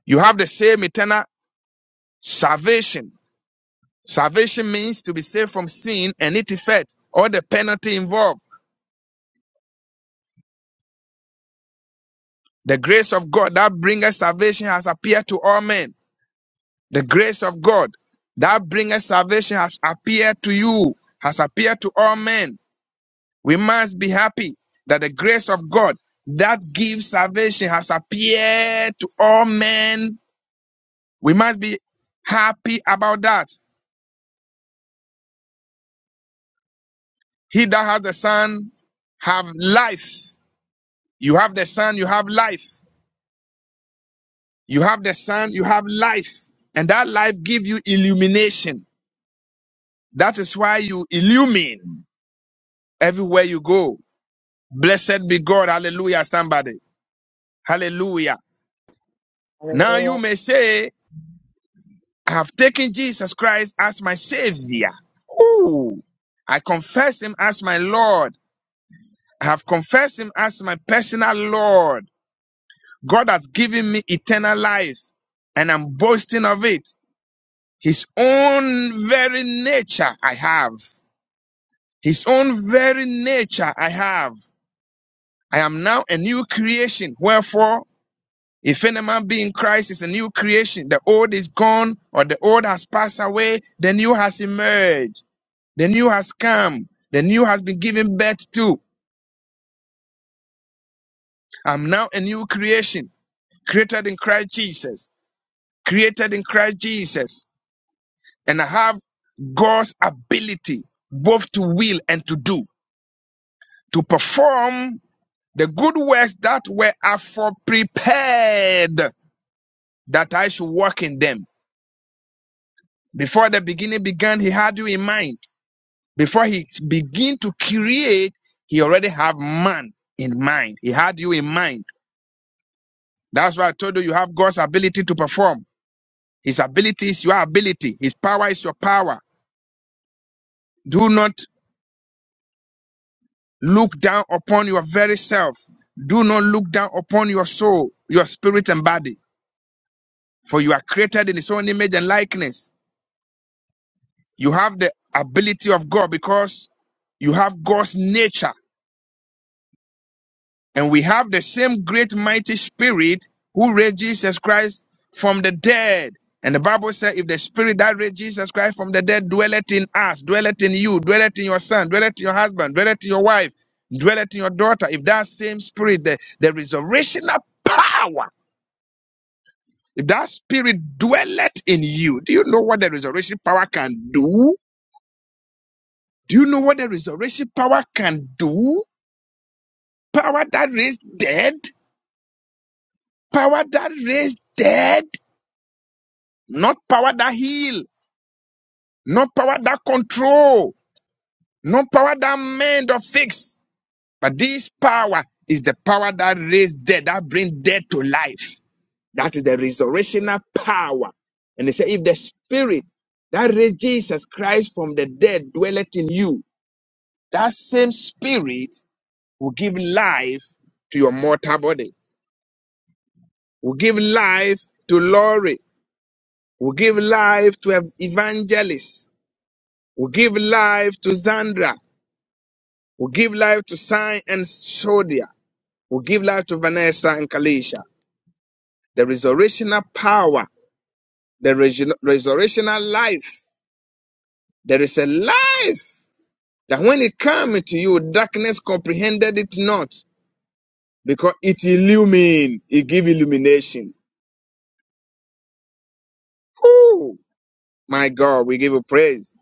Speaker 2: You have the same eternal salvation Salvation means to be saved from sin and its effect, or the penalty involved. The grace of God that bringeth salvation has appeared to all men. The grace of God that bringeth salvation has appeared to you, has appeared to all men. We must be happy that the grace of God that gives salvation has appeared to all men. We must be happy about that. He that has the Son have life. You have the Son, you have life. You have the sun, you have life, and that life gives you illumination. That is why you illumine everywhere you go. Blessed be God. Hallelujah, somebody. Hallelujah. Now you may say, I have taken Jesus Christ as my savior. Ooh, I confess him as my Lord. I have confessed him as my personal Lord. God has given me eternal life, and I'm boasting of it. His own very nature I have. His own very nature I have. I am now a new creation. Wherefore, if any man be in Christ is a new creation, the old is gone, or the old has passed away, the new has emerged, the new has come, the new has been given birth to. I'm now a new creation, created in Christ Jesus, created in Christ Jesus, and I have God's ability both to will and to do, to perform The good works that were afore prepared that I should walk in them. Before the beginning began, he had you in mind. Before he begin to create, he already have man in mind. He had you in mind. That's why I told you you have God's ability to perform. His ability is your ability. His power is your power. Do not look down upon your very self. Do not look down upon your soul, your spirit and body. For you are created in his own image and likeness. You have the ability of God because you have God's nature. And we have the same great mighty spirit who raised Jesus Christ from the dead. And the Bible said, if the spirit that raised Jesus Christ from the dead dwelleth in us, dwelleth in you, dwelleth in your son, dwelleth in your husband, dwelleth in your wife, dwelleth in your daughter, if that same spirit, the, the resurrectional power, if that spirit dwelleth in you, do you know what the resurrection power can do? Do you know what the resurrection power can do? Power that raised dead. Power that raised dead. Not power that heal. Not power that control. Not power that mend or fix. But this power is the power that raised dead, that brings dead to life. That is the resurrectional power. And they say, if the spirit that raised Jesus Christ from the dead dwelleth in you, that same spirit will give life to your mortal body, will give life to glory, We give life to ev- evangelists. We give life to Zandra. We give life to Sign and Sodia. We give life to Vanessa and Kalisha. There is resurrectional power. There is resur- resurrectional life. There is a life that when it came to you, darkness comprehended it not because it illumined. It give illumination. Whew! my God, we give you praise.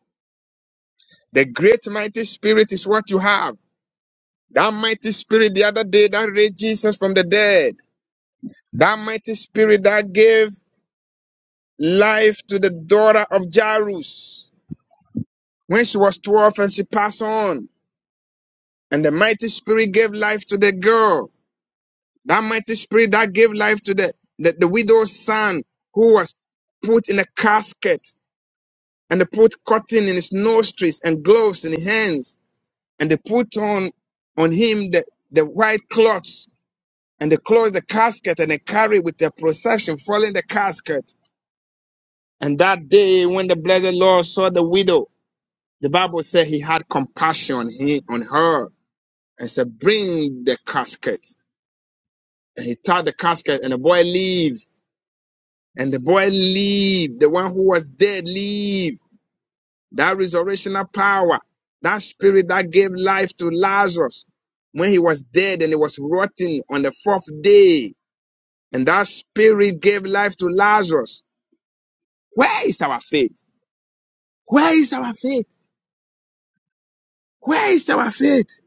Speaker 2: The great mighty spirit is what you have. That mighty spirit the other day that raised Jesus from the dead. That mighty spirit that gave life to the daughter of Jairus when she was 12 and she passed on. And the mighty spirit gave life to the girl. That mighty spirit that gave life to the, the, the widow's son who was put in a casket and they put cotton in his nostrils and gloves in his hands and they put on on him the, the white cloth and they close the casket and they carry with their procession, following the casket. And that day, when the blessed Lord saw the widow, the Bible said he had compassion on he- on her and said, "Bring the casket." And he took the casket, and the boy leave, and the boy leave. The one who was dead leave. That resurrectional power, that spirit that gave life to Lazarus when he was dead and he was rotting on the fourth day, and that spirit gave life to Lazarus Where is our faith? Where is our faith? Where is our faith?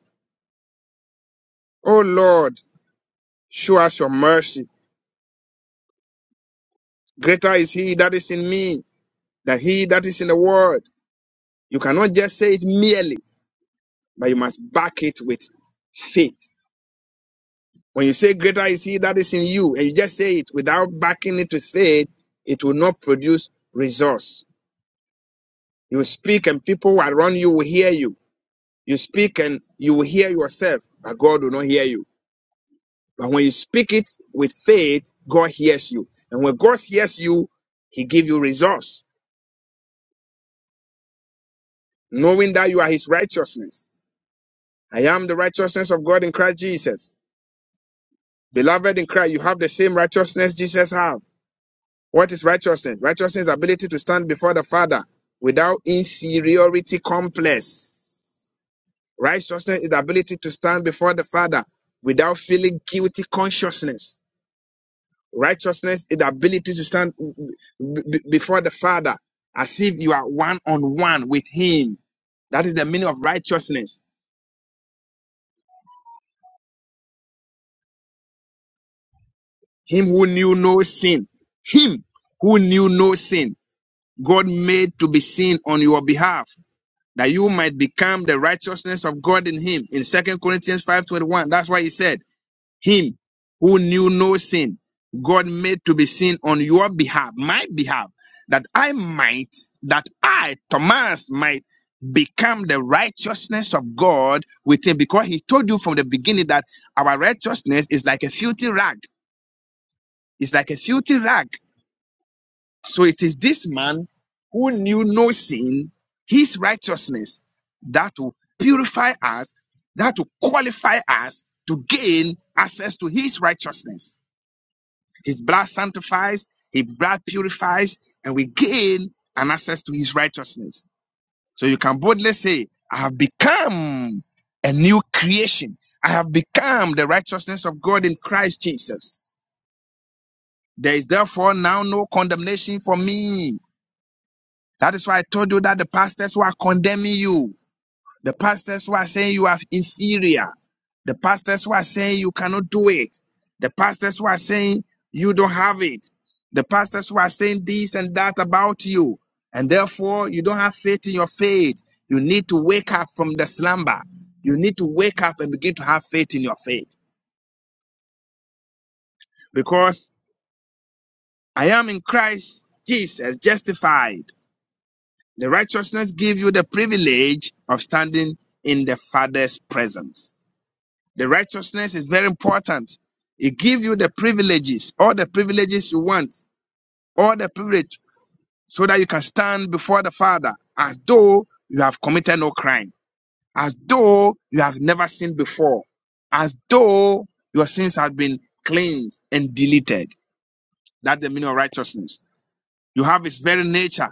Speaker 2: Oh Lord, show us your mercy. Greater is he that is in me than he that is in the world. You cannot just say it merely, but you must back it with faith. When you say greater is he that is in you, and you just say it without backing it with faith, it will not produce results. You speak and people around you will hear you. You speak and you will hear yourself, but God will not hear you. But when you speak it with faith, God hears you. And when God hears you, He give you resource, knowing that you are His righteousness. I am the righteousness of God in Christ Jesus. Beloved in Christ, you have the same righteousness Jesus have. What is righteousness? Righteousness is ability to stand before the Father without inferiority complex. Righteousness is the ability to stand before the Father without feeling guilty consciousness. Righteousness is the ability to stand b- b- before the Father as if you are one on one with Him. That is the meaning of righteousness. Him who knew no sin. Him who knew no sin. God made to be sin on your behalf that you might become the righteousness of God in Him. In Second Corinthians 5.21, that's why He said, Him who knew no sin, God made to be sin on your behalf, my behalf, that I might, that I, Thomas, might become the righteousness of God with him. Because he told you from the beginning that our righteousness is like a filthy rag. It's like a filthy rag. So it is this man who knew no sin, his righteousness, that will purify us, that will qualify us to gain access to his righteousness. His blood sanctifies, his blood purifies, and we gain an access to his righteousness. So you can boldly say, I have become a new creation. I have become the righteousness of God in Christ Jesus. There is therefore now no condemnation for me. That is why I told you that the pastors who are condemning you. The pastors who are saying you are inferior. The pastors who are saying you cannot do it. The pastors who are saying you don't have it. The pastors who are saying this and that about you. And therefore, you don't have faith in your faith. You need to wake up from the slumber. You need to wake up and begin to have faith in your faith. Because I am in Christ Jesus, justified. The righteousness gives you the privilege of standing in the Father's presence. The righteousness is very important. It gives you the privileges, all the privileges you want, all the privilege, so that you can stand before the Father as though you have committed no crime, as though you have never sinned before, as though your sins have been cleansed and deleted. That's the meaning of righteousness. You have His very nature.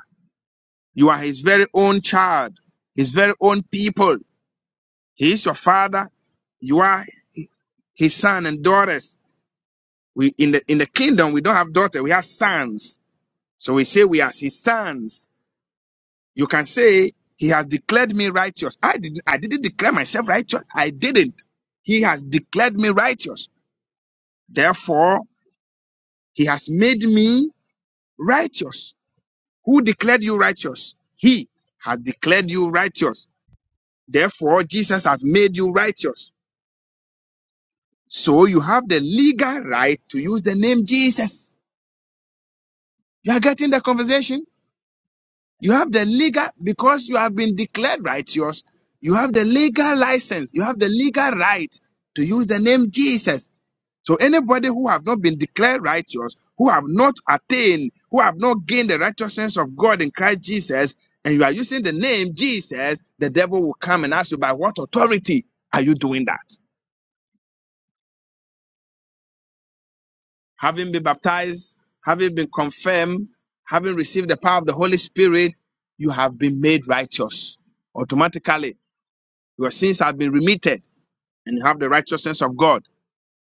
Speaker 2: You are His very own child, His very own people. He is your Father. You are His son and daughters. We in the in the kingdom we don't have daughter, we have sons. So we say we are his sons. You can say he has declared me righteous. I didn't I didn't declare myself righteous. I didn't. He has declared me righteous. Therefore, he has made me righteous. Who declared you righteous? He has declared you righteous. Therefore, Jesus has made you righteous. So you have the legal right to use the name Jesus. You are getting the conversation? You have the legal, because you have been declared righteous, you have the legal license, you have the legal right to use the name Jesus. So anybody who have not been declared righteous, who have not attained, who have not gained the righteousness of God in Christ Jesus, and you are using the name Jesus, the devil will come and ask you, by what authority are you doing that? Having been baptized, having been confirmed, having received the power of the Holy Spirit, you have been made righteous automatically Your sins have been remitted and you have the righteousness of God.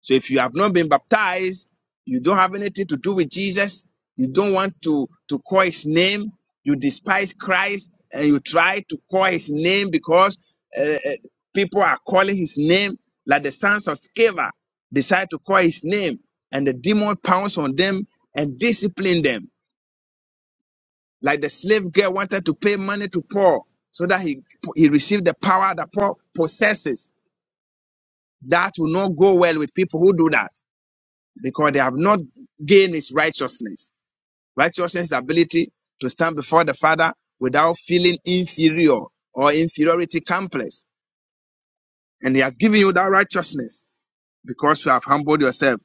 Speaker 2: So if you have not been baptized, you don't have anything to do with Jesus, you don't want to, to call his name, you despise Christ, and you try to call his name because uh, uh, people are calling his name, like the sons of Sceva decide to call his name, and the demon pounds on them and discipline them. Like the slave girl wanted to pay money to Paul so that he, he received the power that Paul possesses That will not go well with people who do that because they have not gained his righteousness. Righteousness is the ability to stand before the Father without feeling inferior or inferiority complex. And he has given you that righteousness because you have humbled yourself.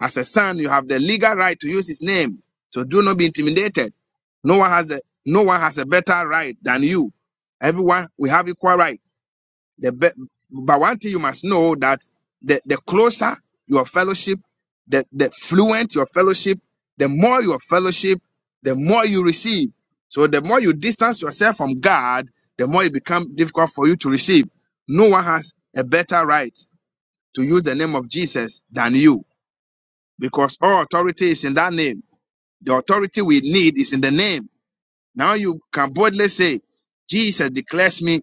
Speaker 2: As a son, you have the legal right to use his name. So do not be intimidated. No one has a, no one has a better right than you. Everyone, we have equal right. The be- but one thing you must know that the, the closer your fellowship, the, the fluent your fellowship, the more your fellowship, the more you receive. So the more you distance yourself from God, the more it becomes difficult for you to receive. No one has a better right to use the name of Jesus than you because all authority is in that name. The authority we need is in the name. Now you can boldly say, Jesus declares me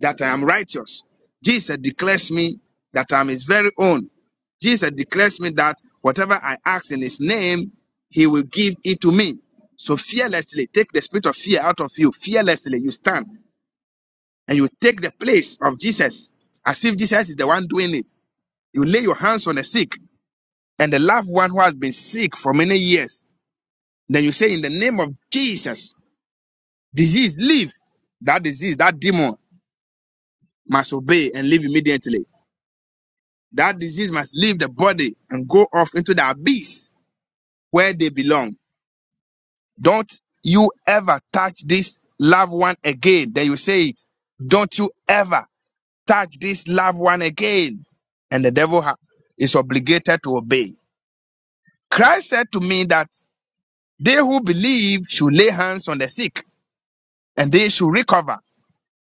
Speaker 2: that I am righteous. Jesus declares me that I am his very own. Jesus declares me that whatever I ask in his name, he will give it to me. So fearlessly, take the spirit of fear out of you. Fearlessly, you stand and you take the place of Jesus as if Jesus is the one doing it. You lay your hands on the sick and the loved one who has been sick for many years. Then you say, In the name of Jesus, disease, leave. That disease, that demon must obey and leave immediately. That disease must leave the body and go off into the abyss where they belong. Don't you ever touch this loved one again. Then you say it. Don't you ever touch this loved one again. And the devil ha- is obligated to obey. Christ said to me that they who believe should lay hands on the sick and they should recover.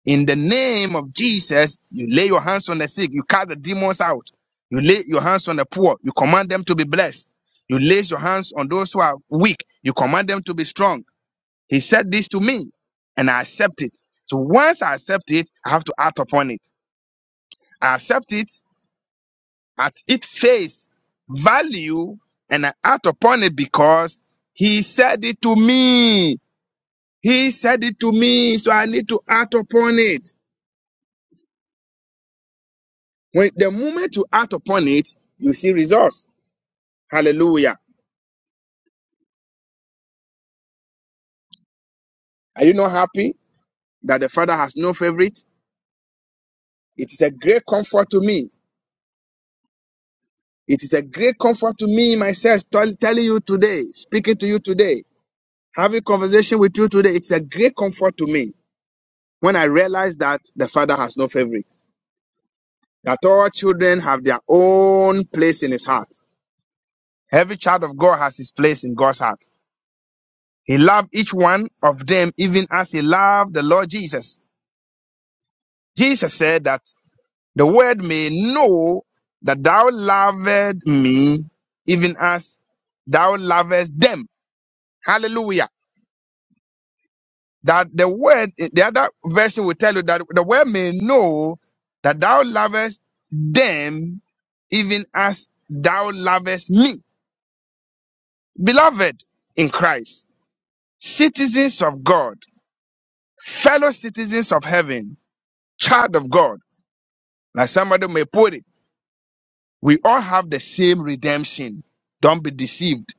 Speaker 2: In the name of Jesus, you lay your hands on the sick, you cast the demons out. You lay your hands on the poor, you command them to be blessed. You lay your hands on those who are weak, you command them to be strong. He said this to me, and I accept it. So once I accept it, I have to act upon it. I accept it at its face value, and I act upon it because He said it to me. He said it to me, so I need to act upon it. When the moment you act upon it, you see results. Hallelujah. Are you not happy that the Father has no favorite? It is a great comfort to me. It is a great comfort to me myself tell- telling you today, speaking to you today, having conversation with you today. It's a great comfort to me when I realize that the Father has no favorite. That all children have their own place in his heart. Every child of God has his place in God's heart. He loved each one of them even as he loved the Lord Jesus. Jesus said that the world may know that thou lovest me even as thou lovest them. Hallelujah. That the word, the other version will tell you that the world may know that thou lovest them even as thou lovest me. Beloved in Christ, citizens of God, fellow citizens of heaven, child of God, like somebody may put it. We all have the same redemption. Don't be deceived.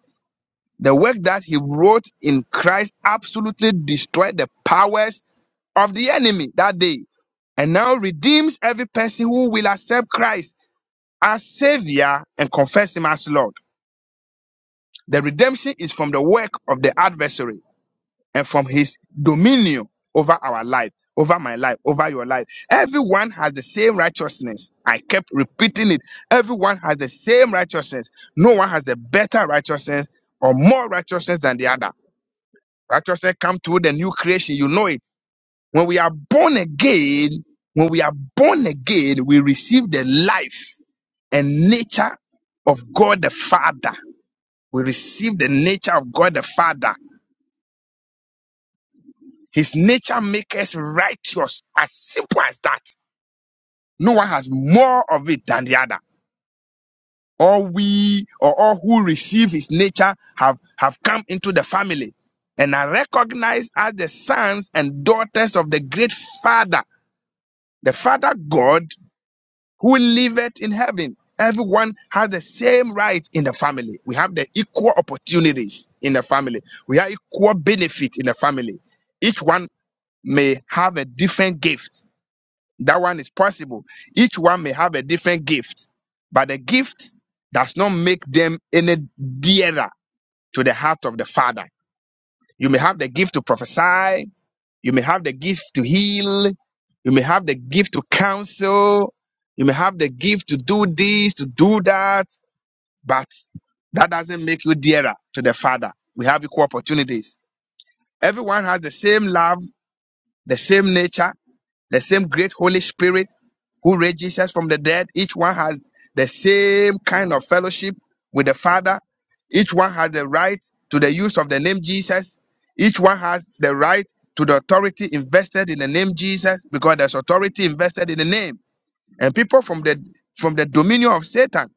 Speaker 2: The work that he wrote in Christ absolutely destroyed the powers of the enemy that day and now redeems every person who will accept Christ as Savior and confess Him as Lord. The redemption is from the work of the adversary and from his dominion over our life, over my life, over your life. Everyone has the same righteousness. I kept repeating it. Everyone has the same righteousness. No one has the better righteousness or more righteousness than the other. Righteousness comes through the new creation. You know it. When we are born again, when we are born again, we receive the life and nature of God the Father. We receive the nature of God the Father His nature makes us righteous, as simple as that. No one has more of it than the other. All we or all who receive his nature have, have come into the family and are recognized as the sons and daughters of the great Father, the Father God who liveth in heaven. Everyone has the same rights in the family. We have the equal opportunities in the family. We have equal benefit in the family. Each one may have a different gift That one is possible. Each one may have a different gift, but the gift does not make them any dearer to the heart of the Father. You may have the gift to prophesy, you may have the gift to heal, you may have the gift to counsel, you may have the gift to do this, to do that, but that doesn't make you dearer to the Father. We have equal opportunities. Everyone has the same love, the same nature, The same great Holy Spirit who raised Jesus from the dead, each one has the same kind of fellowship with the Father. Each one has the right to the use of the name Jesus. Each one has the right to the authority invested in the name Jesus because there's authority invested in the name. And people from the from the dominion of Satan.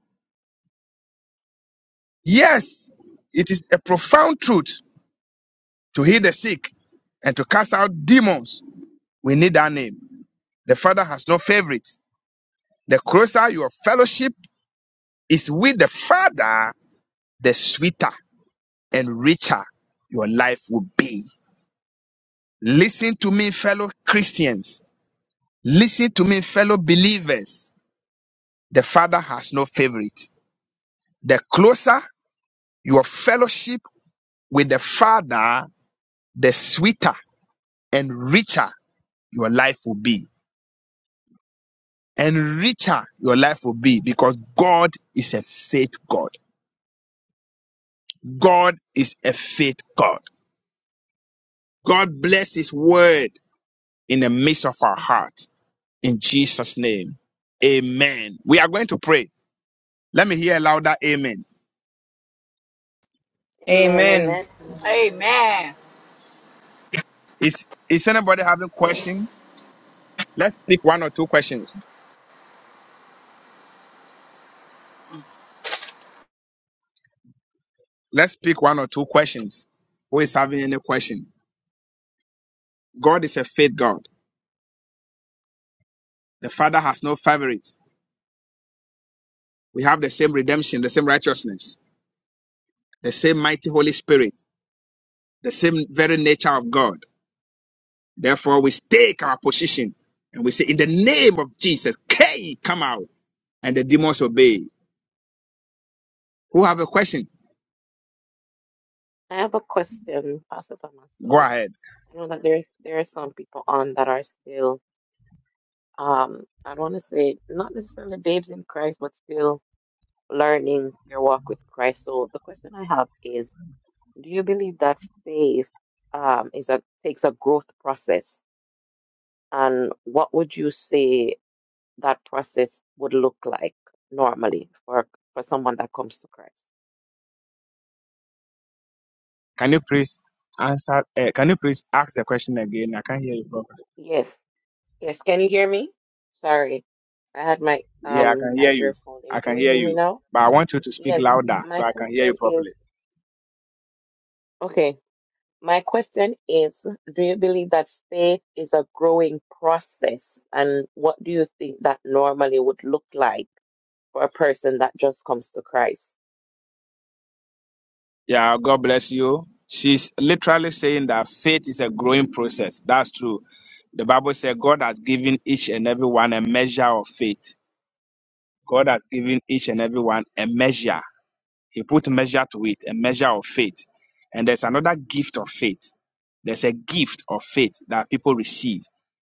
Speaker 2: Yes, it is a profound truth to heal the sick and to cast out demons. We need that name. The Father has no favorites. The closer your fellowship It's with the Father, the sweeter and richer your life will be. Listen to me, fellow Christians. Listen to me, fellow believers. The Father has no favorite. The closer your fellowship with the Father, the sweeter and richer your life will be. And richer your life will be because God is a faith God. God is a faith God. God bless His word in the midst of our heart. in Jesus' name. Amen. We are going to pray. Let me hear a louder amen.
Speaker 3: Amen.
Speaker 2: Is is anybody having question? Let's pick one or two questions. Let's pick one or two questions. Who is having any question? God is a faith God. The Father has no favorite. We have the same redemption, the same righteousness, the same mighty Holy Spirit, the same very nature of God. Therefore, we stake our position and we say, In the name of Jesus, K, come out, and the demons obey. Who have a question? Go ahead. Can you please answer? Uh, can you please ask the question again? I can't hear you properly. Yeah, I can hear you. I can hear you, but I want you to speak louder so I can hear you properly. Yeah, God bless you. She's literally saying that faith is a growing process. That's true. The Bible says God has given each and every one a measure of faith. God has given each and every one a measure. He put measure to it, a measure of faith. And there's another gift of faith. There's a gift of faith that people receive.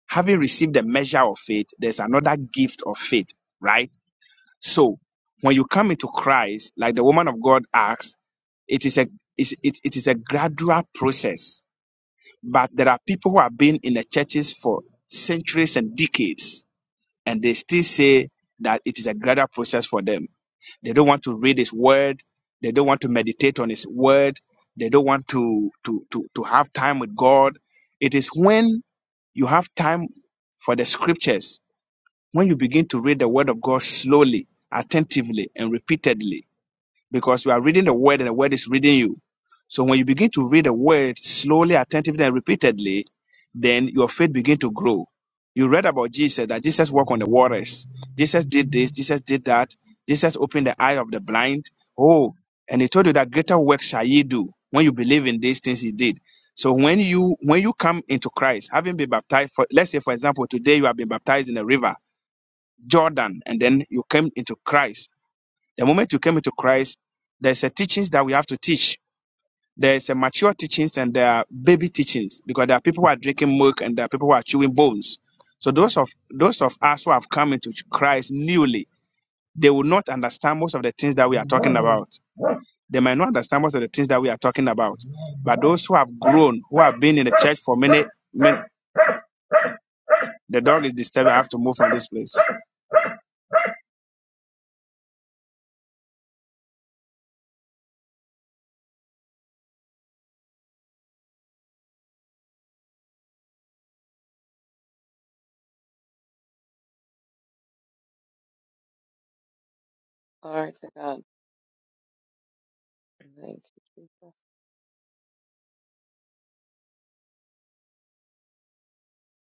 Speaker 2: Having received a measure of faith, there's another gift of faith, right? So when you come into Christ, like the woman of God asks, it is a it's- it, it is a gradual process. But there are people who have been in the churches for centuries and decades, and they still say that it is a gradual process for them they don't want to read his word. They don't want to meditate on his word. They don't want to, to, to, to have time with God. It is when you have time for the scriptures, when you begin to read the word of God slowly, attentively, and repeatedly, because you are reading the word and the word is reading you. So when you begin to read a word slowly, attentively, and repeatedly, then your faith begin to grow. You read about Jesus that Jesus walked on the waters. Jesus did this. Jesus did that. Jesus opened the eye of the blind. Oh, and he told you that greater work shall ye do when you believe in these things he did. So when you when you come into Christ, having been baptized, for let's say for example today you have been baptized in the river Jordan, and then you came into Christ. The moment you came into Christ, there's a teachings that we have to teach there is a mature teachings and there are baby teachings because there are people who are drinking milk and there are people who are chewing bones. So those of those of us who have come into Christ newly, they will not understand most of the things that we are talking about. They might not understand most of the things that we are talking about. But those who have grown, who have been in the church for many, many the dog is disturbing. I have to move from this place.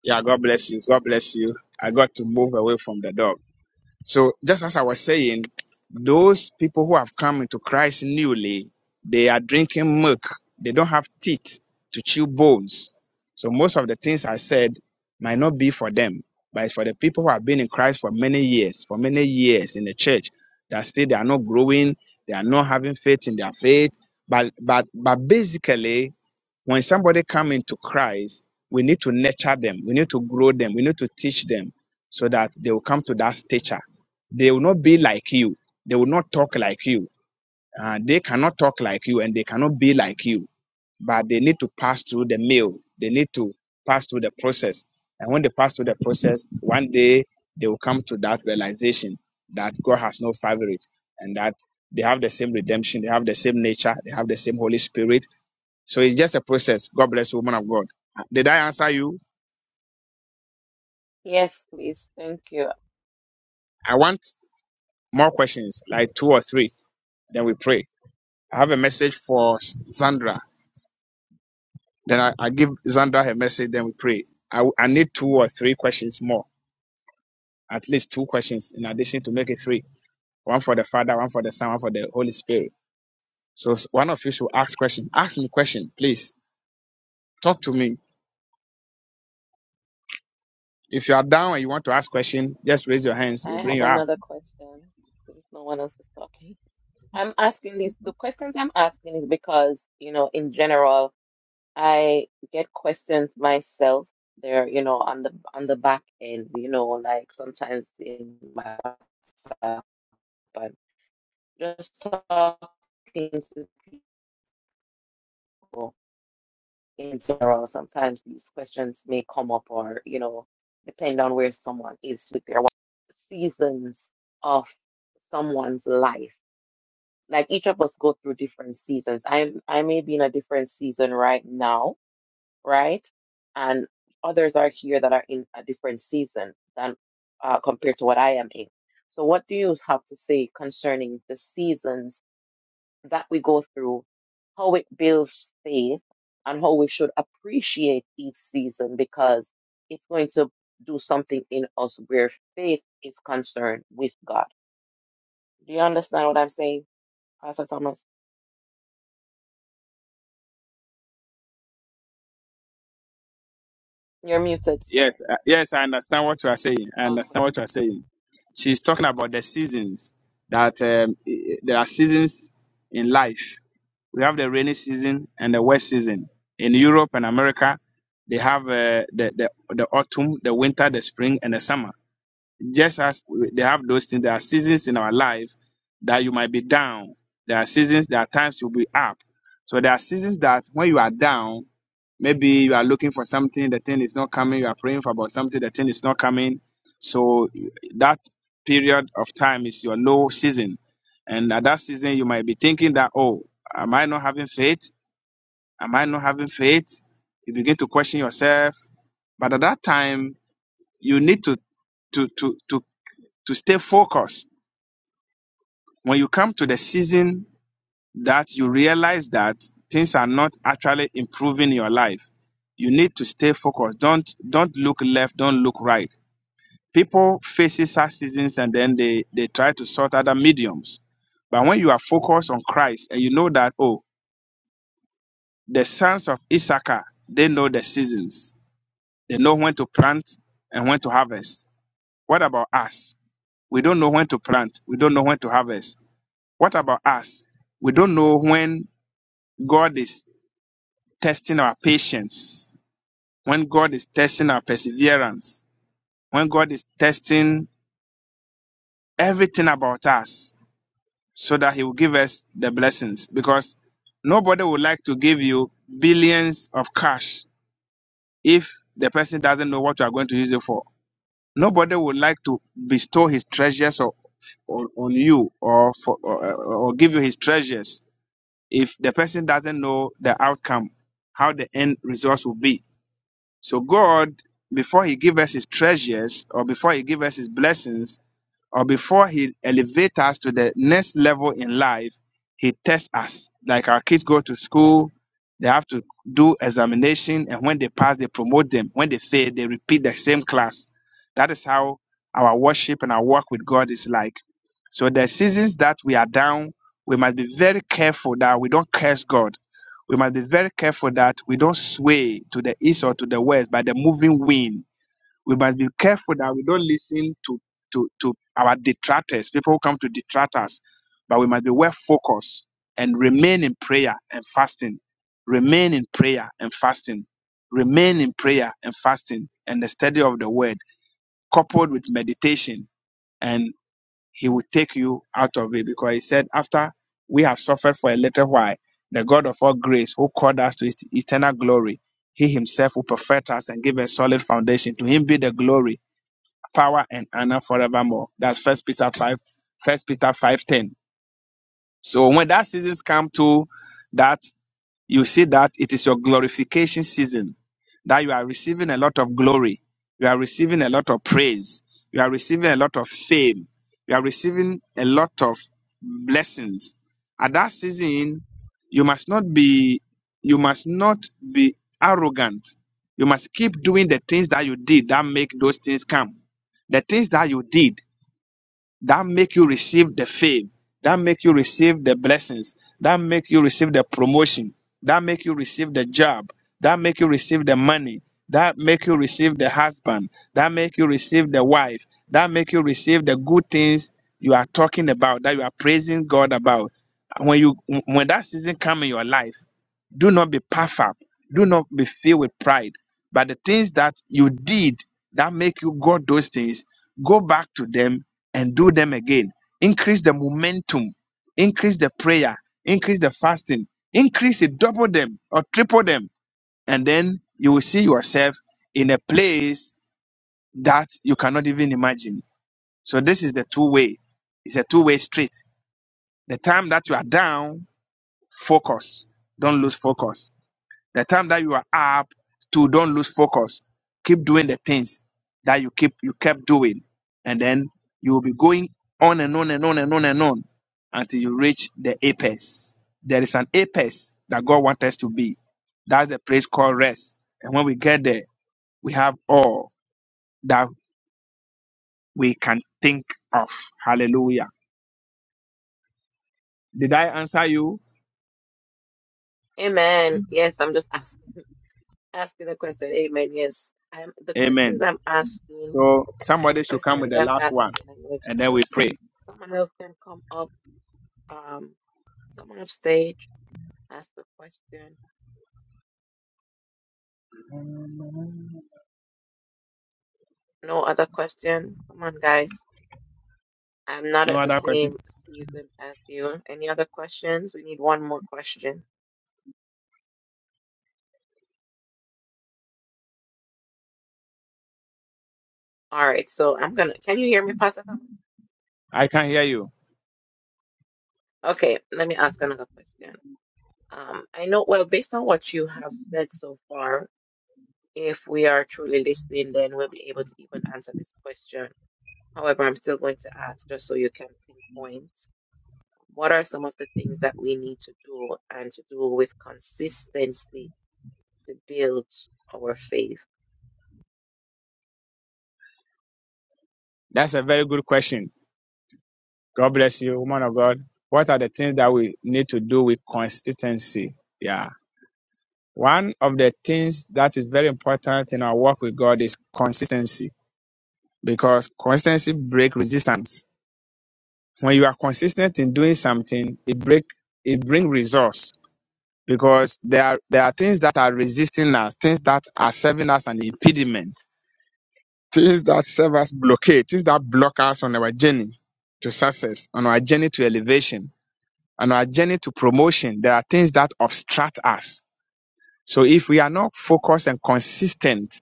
Speaker 2: Yeah, God bless you. God bless you. I got to move away from the dog. So just as I was saying, those people who have come into Christ newly, they are drinking milk. They don't have teeth to chew bones. So most of the things I said might not be for them, but it's for the people who have been in Christ for many years, for many years in the church that still they are not growing, they are not having faith in their faith. But but but basically when somebody come into Christ, we need to nurture them. We need to grow them. We need to teach them so that they will come to that stature. They will not be like you. They will not talk like you. Uh, they cannot talk like you and they cannot be like you. But they need to pass through the mill. They need to pass through the process. And when they pass through the process, one day they will come to that realization that God has no favorite and that they have the same redemption, they have the same nature, they have the same Holy Spirit, so it's just a process. God bless you, woman of God. Did I answer you? I want more questions, like two or three. Then we pray. I have a message for Zandra. Then I, I give Zandra her message. Then we pray. I, I need two or three questions more, at least two questions in addition to make it three. One for the Father, one for the Son, one for the Holy Spirit. So s- one of you should ask question. Ask me question, please. Talk to me. If you are down and you want to ask question, just raise your hands. We'll bring you up. Yes, uh, yes, I understand what you are saying. I understand what you are saying. She's talking about the seasons that um, i- there are seasons in life. We have the rainy season and the wet season. In Europe and America, they have uh, the, the the autumn, the winter, the spring, and the summer. Just as we- they have those things, there are seasons in our life that you might be down. There are seasons, there are times you'll be up. So there are seasons that when you are down, Maybe you are looking for something, the thing is not coming. You are praying for about something, the thing is not coming. So that period of time is your low season. And at that season, you might be thinking that, oh, am I not having faith? Am I not having faith? You begin to question yourself. But at that time, you need to to to to to stay focused. When you come to the season that you realize that things are not actually improving your life. You need to stay focused. Don't don't look left, don't look right. People faces sad seasons and then they, they try to sort other mediums. But when you are focused on Christ and you know that, oh, the sons of Issachar, they know the seasons. They know when to plant and when to harvest. What about us? We don't know when to plant. We don't know when to harvest. What about us? We don't know when God is testing our patience, when God is testing our perseverance, when God is testing everything about us so that He will give us the blessings. Because nobody would like to give you billions of cash if the person doesn't know what you are going to use it for. Nobody would like to bestow his treasures or, on on you or, for, or, or give you his treasures if the person doesn't know the outcome, how the end results will be. So God, before He give us His treasures or before He give us His blessings, or before he elevates us to the next level in life, he tests us. Like our kids go to school, they have to do examination, and when they pass, they promote them. When they fail, they repeat the same class. That is how our worship and our work with God is like. So the seasons that we are down, we must be very careful that we don't curse God. We must be very careful that we don't sway to the east or to the west by the moving wind we must be careful that we don't listen to to to our detractors, people who come to detract us, but we must be well focused and remain in prayer and fasting. Remain in prayer and fasting. Remain in prayer and fasting and the study of the word, coupled with meditation, and he will take you out of it because he said, After we have suffered for a little while, the God of all grace who called us to his eternal glory, he himself will perfect us and give a solid foundation. To him be the glory power and honor forevermore. That's First Peter five, First Peter five ten. So when that seasons come to that you see that it is your glorification season, that you are receiving a lot of glory, you are receiving a lot of praise, you are receiving a lot of fame, you are receiving a lot of blessings. At that season, you must not be you must not be arrogant. You must keep doing the things that you did that make those things come. The things that you did that make you receive the fame, that make you receive the blessings, that make you receive the promotion, that make you receive the job, that make you receive the money, that make you receive the husband, that make you receive the wife, that make you receive the good things you are talking about, that you are praising God about. When you when that season come in your life, do not be puffed up. Do not be filled with pride. But the things that you did that make you got those things, go back to them and do them again. Increase the momentum, increase the prayer, increase the fasting, increase it, double them or triple them. And then you will see yourself in a place that you cannot even imagine. So, this is the two way, it's a two way street. The time that you are down, focus, don't lose focus the time that you are up to don't lose focus. Keep doing the things that you keep you kept doing. And then you will be going on and on and on and on and on until you reach the apex. There is an apex that God wants us to be. That's the place called rest. And when we get there, we have all that we can think of. Hallelujah. Did I answer you? Amen. So somebody should come with the last one and then we pray. No other question? I can hear you. That's a very good question. God bless you, woman of God. What are the things that we need to do with consistency? Yeah. One of the things that is very important in our work with God is consistency because consistency breaks resistance. When you are consistent in doing something, it break it bring results because there are there are things that are resisting us, things that are serving us an impediment, things that serve us blockade, things that block us on our journey to success, on our journey to elevation on our journey to promotion, there are things that obstruct us. So if we are not focused and consistent,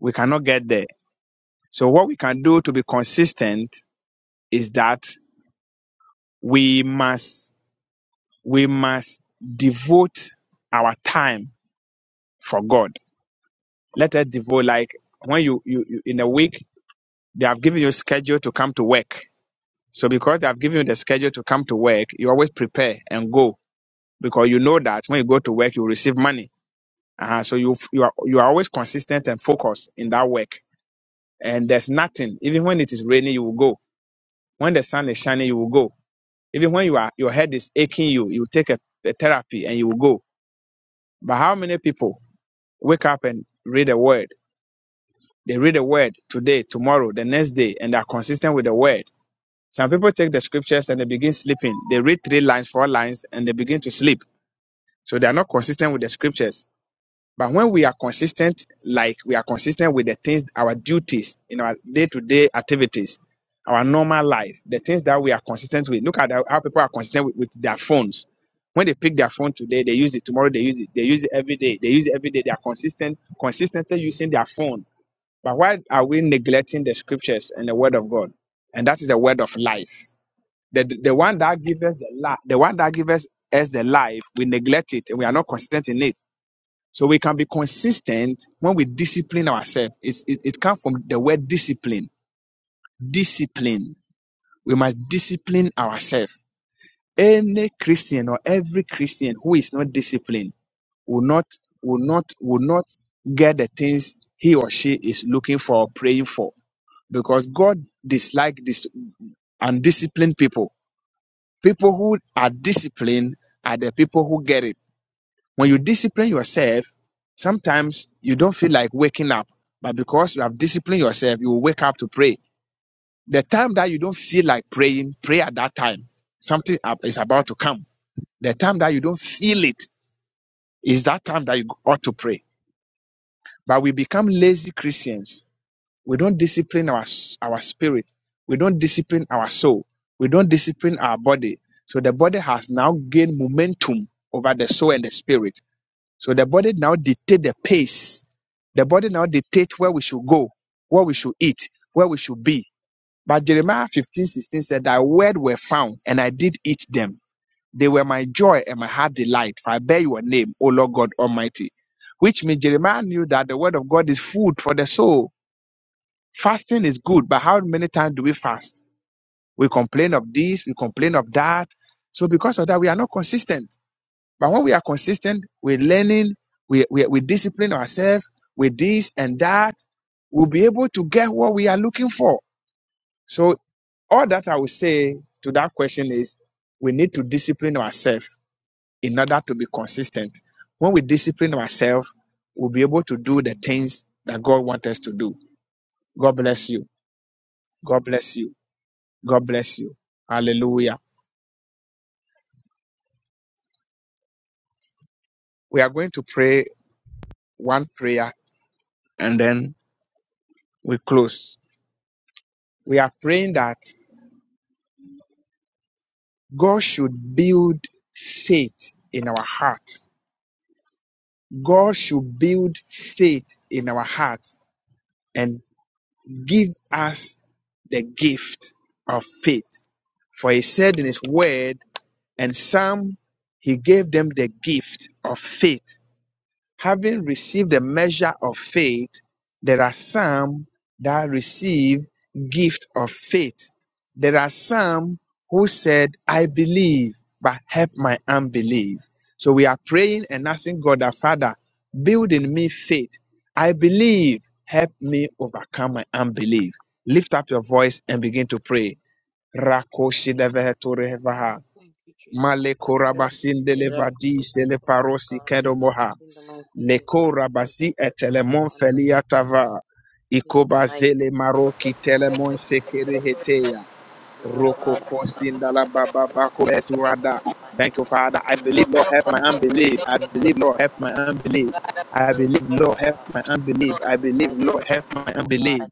Speaker 2: we cannot get there. So what we can do to be consistent is that we must we must devote our time for God. Let us devote like when you, you, you in a week they have given you a schedule to come to work. So because they have given you the schedule to come to work, you always prepare and go because you know that when you go to work you receive money. Uh-huh. So you you are you are always consistent and focused in that work. And there's nothing. Even when it is raining, you will go. When the sun is shining, you will go. Even when you are your head is aching, you you take a, a therapy and you will go. But how many people wake up and read a word? They read a word today, tomorrow, the next day, and they are consistent with the word. Some people take the scriptures and they begin sleeping. They read three lines, four lines, and they begin to sleep. So they are not consistent with the scriptures. But when we are consistent, like we are consistent with the things, our duties in our day to day activities, our normal life, the things that we are consistent with. Look at how how people are consistent with, with their phones. When they pick their phone today, they use it. Tomorrow, they use it. They use it every day. They use it every day. They are consistent, consistently using their phone. But why are we neglecting the scriptures and the word of God? And that is the word of life. The, the one that gives us the life, the one that gives us the life, we neglect it and we are not consistent in it so we can be consistent when we discipline ourselves. It's, it, it comes from the word discipline. Discipline. We must discipline ourselves. Any Christian or every Christian who is not disciplined will not, will not, will not get the things he or she is looking for or praying for because God dislikes this undisciplined people. People who are disciplined are the people who get it. When you discipline yourself, sometimes you don't feel like waking up, but because you have disciplined yourself, you will wake up to pray. The time that you don't feel like praying, pray at that time. Something is about to come. The time that you don't feel it is that time that you ought to pray. But we become lazy Christians. We don't discipline our, our spirit. We don't discipline our soul. We don't discipline our body. So the body has now gained momentum over the soul and the spirit. So the body now dictate the pace. The body now dictate where we should go, what we should eat, where we should be. But Jeremiah 15:16 said, Thy word were found, and I did eat them. They were my joy and my heart delight, for I bear your name, O Lord God Almighty. Which means Jeremiah knew that the word of God is food for the soul. Fasting is good, but how many times do we fast? We complain of this, we complain of that. So because of that, we are not consistent. But when we are consistent we're learning, we, we, we discipline ourselves with this and that, we'll be able to get what we are looking for. So, all that I would say to that question is we need to discipline ourselves in order to be consistent. When we discipline ourselves, we'll be able to do the things that God wants us to do. God bless you. God bless you. God bless you. Hallelujah. We are going to pray one prayer and then we close. We are praying that God should build faith in our heart. God should build faith in our heart and give us the gift of faith. For he said in his word, and some he gave them the gift of faith having received a measure of faith, there are some that receive gift of faith. There are some who said, I believe, but help my unbelief. So we are praying and asking God our Father, build in me faith. I believe, help me overcome my unbelief. Lift up your voice and begin to pray. Rakoshidevehetorehevaha. Malekorabasindelevadiseleparosikedomoha. Leko rabasi etelemon feliatava. Ikoba zele maroki telemon sekere hetea. Roko posindala baba bako besurada. Thank you, Father. I believe, Lord, help my unbelief. I believe, Lord, help my unbelief. I believe, Lord, help my unbelief. I believe, Lord, help my unbelief.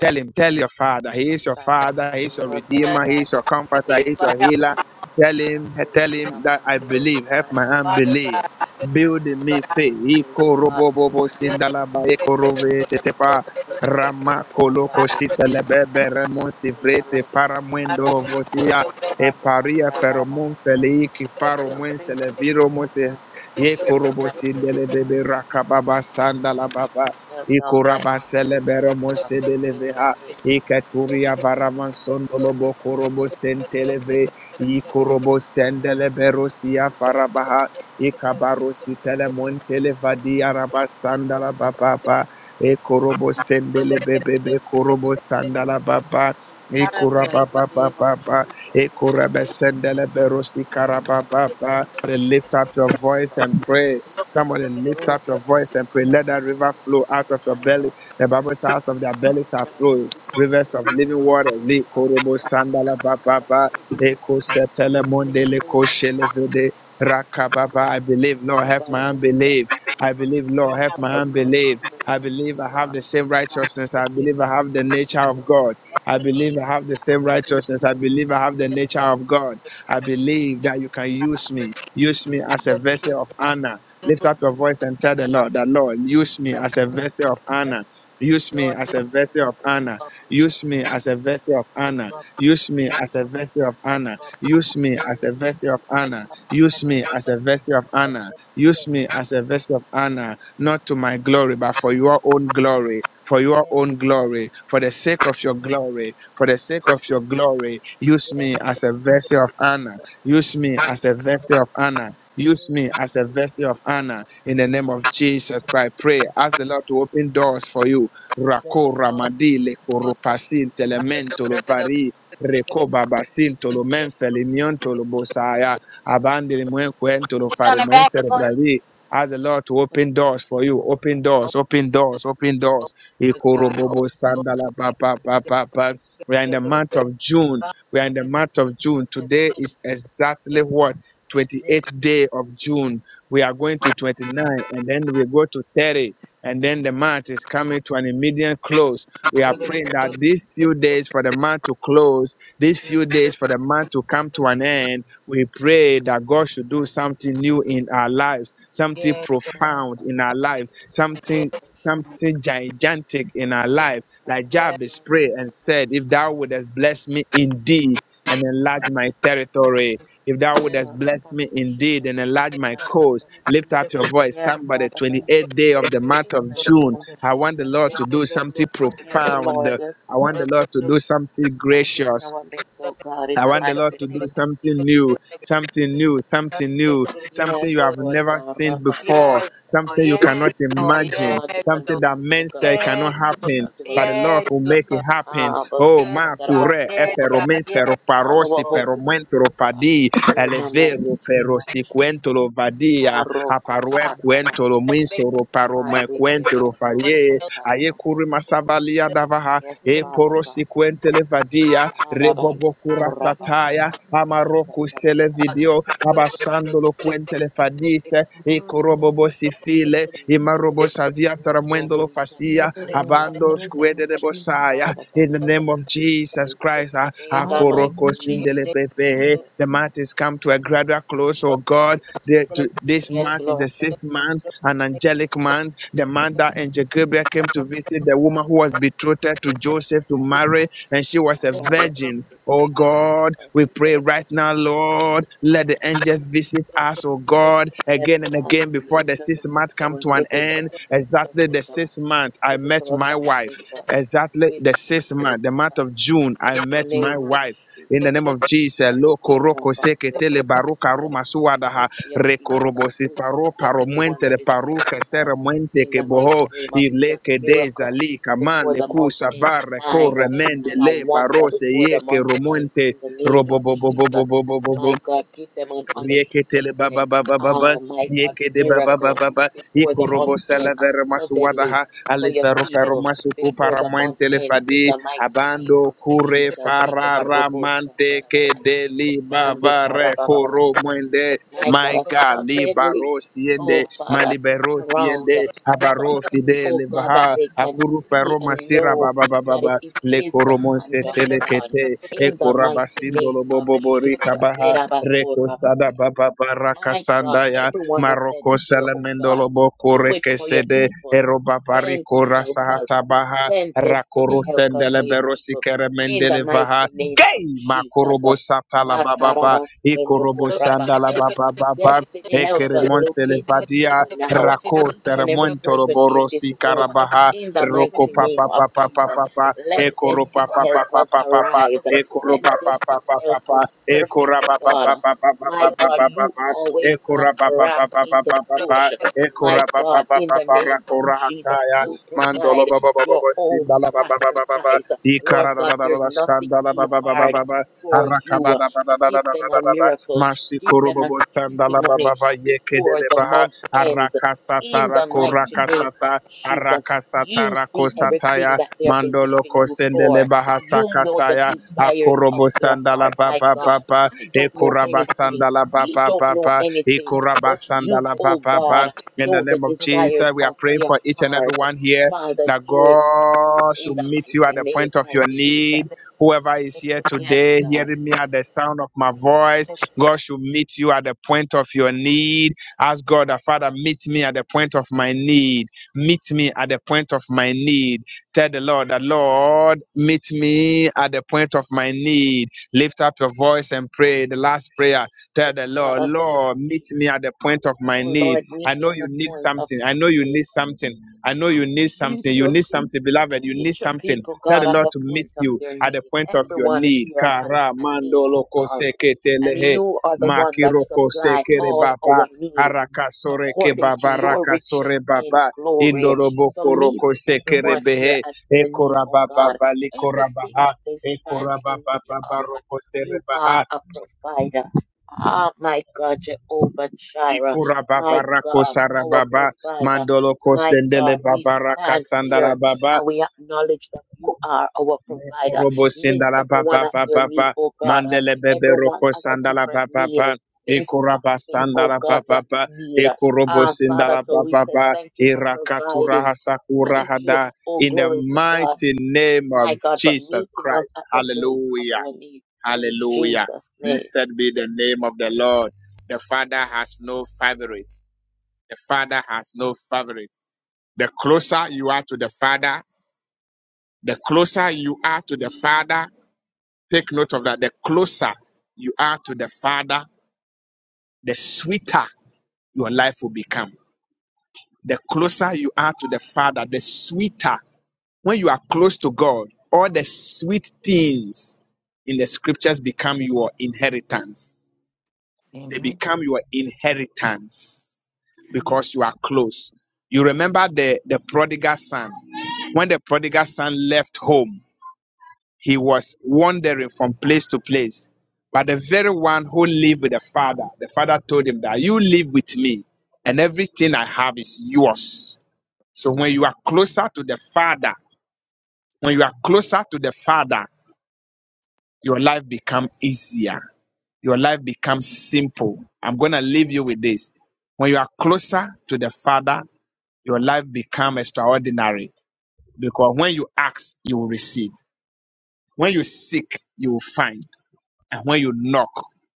Speaker 2: Tell him, tell your father. He is your father. He is your redeemer. He is your comforter. He is your healer. Tell him, tell him that I believe. Help my unbelief. Build in me faith. Iko robo bobo sindala ba eko rove setepa. Rama koloko shita lebebe remon sivrete paramwendo lovosia e paria feromon feleiki paromwen seleviro moses ye korobo sindele bebe rakababa sanda la baba e koraba selebere mose deleveha e katuria varavan sondolo bo korobo senteleve e korobo sendele berosia farabaha e kabaro sitele montele vadia raba sanda la baba Ekorobo sendele bebebe korobo sandala baba.
Speaker 3: Para
Speaker 2: Ekora baba baba baba. Ekorobo sendele berosi karaba baba. ba. Somebody Lift up your voice and pray. Somebody lift up your voice and pray. Let that river flow out of your belly. The Bible says, out of their bellies are flowing rivers of living water. Le korobo sandala baba baba. Eko setele mondele ko shelevede. Rakababa, I believe, Lord, help my unbelief. I believe, Lord, help my unbelief. I believe I have the same righteousness. I believe I have the nature of God. I believe I have the same righteousness. I believe I have the nature of God. I believe that you can use me. Use me as a vessel of honor. Lift up your voice and tell the Lord, that Lord, use me as a vessel of honor. Use me as a vessel of honor. Use me as a vessel of honor. Use me as a vessel of honor. Use me as a vessel of honor. Use me as a vessel of honor. Use me as a vessel of honor not to my glory, but for your own glory. For your
Speaker 3: yes,
Speaker 2: own glory, for the sake of your glory, for the
Speaker 3: yes,
Speaker 2: sake of your glory, use
Speaker 3: yes,
Speaker 2: me as a vessel of honor.
Speaker 3: yes,
Speaker 2: Use me
Speaker 3: yes,
Speaker 2: as a vessel of honor. Use me as a vessel of honor. In the name of Jesus Christ, pray. Ask the Lord to open doors for you. Rako ramadi le koropasin telemento lo vari reko babasin tolo menfeli tolo bosaya abandele mwen kwento lo
Speaker 3: Put on
Speaker 2: faru
Speaker 3: the back,
Speaker 2: Ask the Lord to open doors for you. Open
Speaker 3: Oh,
Speaker 2: doors, open
Speaker 3: oh,
Speaker 2: doors, open
Speaker 3: oh,
Speaker 2: doors.
Speaker 3: Oh,
Speaker 2: Ikorobobo
Speaker 3: oh,
Speaker 2: sandala
Speaker 3: oh,
Speaker 2: ba ba ba ba ba. We are in the
Speaker 3: of- the
Speaker 2: month of June.
Speaker 3: good
Speaker 2: We are in the month of June.
Speaker 3: Yes,
Speaker 2: Today
Speaker 3: Lord,
Speaker 2: is exactly what?
Speaker 3: yes, Lord, yes,
Speaker 2: 28th day of June. We are going to 29 and then we go to 30. And then the month is coming to an immediate close. We are
Speaker 3: Lord,
Speaker 2: praying that these few days for the month to close, these few days for the month to come to an end, we pray that God should do something new in our lives, something
Speaker 3: yes,
Speaker 2: profound in our life, something something gigantic in our life. Like
Speaker 3: yes,
Speaker 2: Jabez prayed and said, If thou wouldest bless me indeed and enlarge my territory, if thou wouldest
Speaker 3: Lord,
Speaker 2: bless me indeed and enlarge my cause, lift up your
Speaker 3: yes,
Speaker 2: voice. Somebody, 28th day of the month of June.
Speaker 3: God,
Speaker 2: I want the Lord to do something profound. I want the Lord to do something gracious. I want the Lord to do something new, something new, something new, something you have never seen before, something you cannot imagine, something that men say cannot happen. But the Lord will make it happen. Oh, ma cure
Speaker 3: yes, God,
Speaker 2: eperomen
Speaker 3: yes,
Speaker 2: feroparosi
Speaker 3: Lord.
Speaker 2: peromentro padi elevero ferosi quentolo vadia aparue quentolo
Speaker 3: Make, make, make,
Speaker 2: minsoro parome
Speaker 3: make,
Speaker 2: quentolo
Speaker 3: make,
Speaker 2: farie aye curi
Speaker 3: make, make,
Speaker 2: masavalia
Speaker 3: make,
Speaker 2: e porosiquentele vadia rebobokura sataya amaroku
Speaker 3: I'm
Speaker 2: selevidio abasandolo quentele fadise e corobobosi file e marobosavia taramuendolo fasia abando squede de bosaya in the name of Jesus Christ ah, ah, koroko sindele pepe eh, the month is come to a gradual close oh God the, to, this month is the sixth month an angelic month the man that Angel Gabriel came to visit, the woman who was betrothed to Joseph to marry, and she was a virgin. Oh God, we pray right now, Lord, let the angels visit us, oh God, again and again before the six months come to an end. Exactly the sixth month, I met my wife. Exactly the sixth month, the month of June, I met my wife. In the name of Jesus, Lo koroko seketele baruka ruma suwadaha rekorobosi paro paro muente de paru kesere muente ke boho ile ke deza li kaman le kusa barre corre mende le barose ye ke romonte robo bo bo bo bo bo bo bo bo Rieketele baba baba baba yekede baba baba baba ikorobo salavere masuwadaha alifero fero masuku paramantele fadi abando kure farara mante kede libava rekoro mwende my God libaro siende malibero siende abaro fide livaha akuru fero masira baba baba baba lekoro monse telekete
Speaker 3: not sure.
Speaker 2: ekorabasindolo bobo borika baha Rekosada baba baraka sandaya maroko selemendolo boko rekesede eroba bariko rasahata baha rakoro sendele berosi kere mendele vaha gay makorobo sata la baba ba ikorobo sanda la baba baba ekeremon vadia rako seremon toroborosi karabaha roko papa papa papa Ekoro pa pa pa Ekoro pa pa pa Ekora pa pa pa pa pa Ekora pa pa pa pa Ekora pa pa pa pa hasaya. Mandolo ba ba sindala ba ba ba Ikara da da da da sandala ba ba ba ba da da da da da da da da da. Mashikoro sandala ba ba yekedele ba ha. Araka satara koraka sata. Mandolo kosendele bahata kasaya akorobo sandala papa papa ekuraba sandala papa papa ekuraba sandala papa papa. In the name of Jesus, we are praying for each and every one here that God should meet you at the point of your need. Whoever is here today, hearing me at the sound of my voice, God should meet you at the point of your need. Ask God, the Father, meet me at the point of my need. Meet me at the point of my need. Tell the Lord the Lord, meet me at the point of my need. Lift up your voice and pray. The last prayer. Tell the Lord, Lord, meet me at the point of my need. I know you need something. I know you need something. I know you need something. You need something, beloved. You need something. Tell the Lord to meet you at the point of your need. Kara mandolo koseketelehe makiroko sekere baba araka soreke baba raka sore baba indoro boko roko sekere behe. Ekorababa likorabaha. Ekorababa roko serebaha. Ikurababa rako sarababa. Mandolo kosendele baba raka sandala baba. Mekorobo sindala baba baba Mandele bebe roko sandala baba baba. Ikuraba sandala baba baba. Ikurobo sindala baba baba. Irakatura hasakura hada. In the mighty name of Jesus Christ. Hallelujah. Hallelujah. Blessed be the name of the Lord. The Father has no favorite. The Father has no favorite. The closer you are to the Father, the closer you are to the Father, take note of that. The closer you are to the Father, the sweeter your life will become. The closer you are to the Father, the sweeter. When you are close to God, all the sweet things in the scriptures become your inheritance They become your inheritance because you are close. You remember the, the prodigal son. When the prodigal son left home, he was wandering from place to place. But the very one who lived with the father, the father told him that you live with me and everything I have is yours. So when you are closer to the father, when you are closer to the father, your life become easier. Your life becomes simple. I'm going to leave you with this. When you are closer to the Father, your life becomes extraordinary because when you ask, you will receive. When you seek, you will find. And when you knock,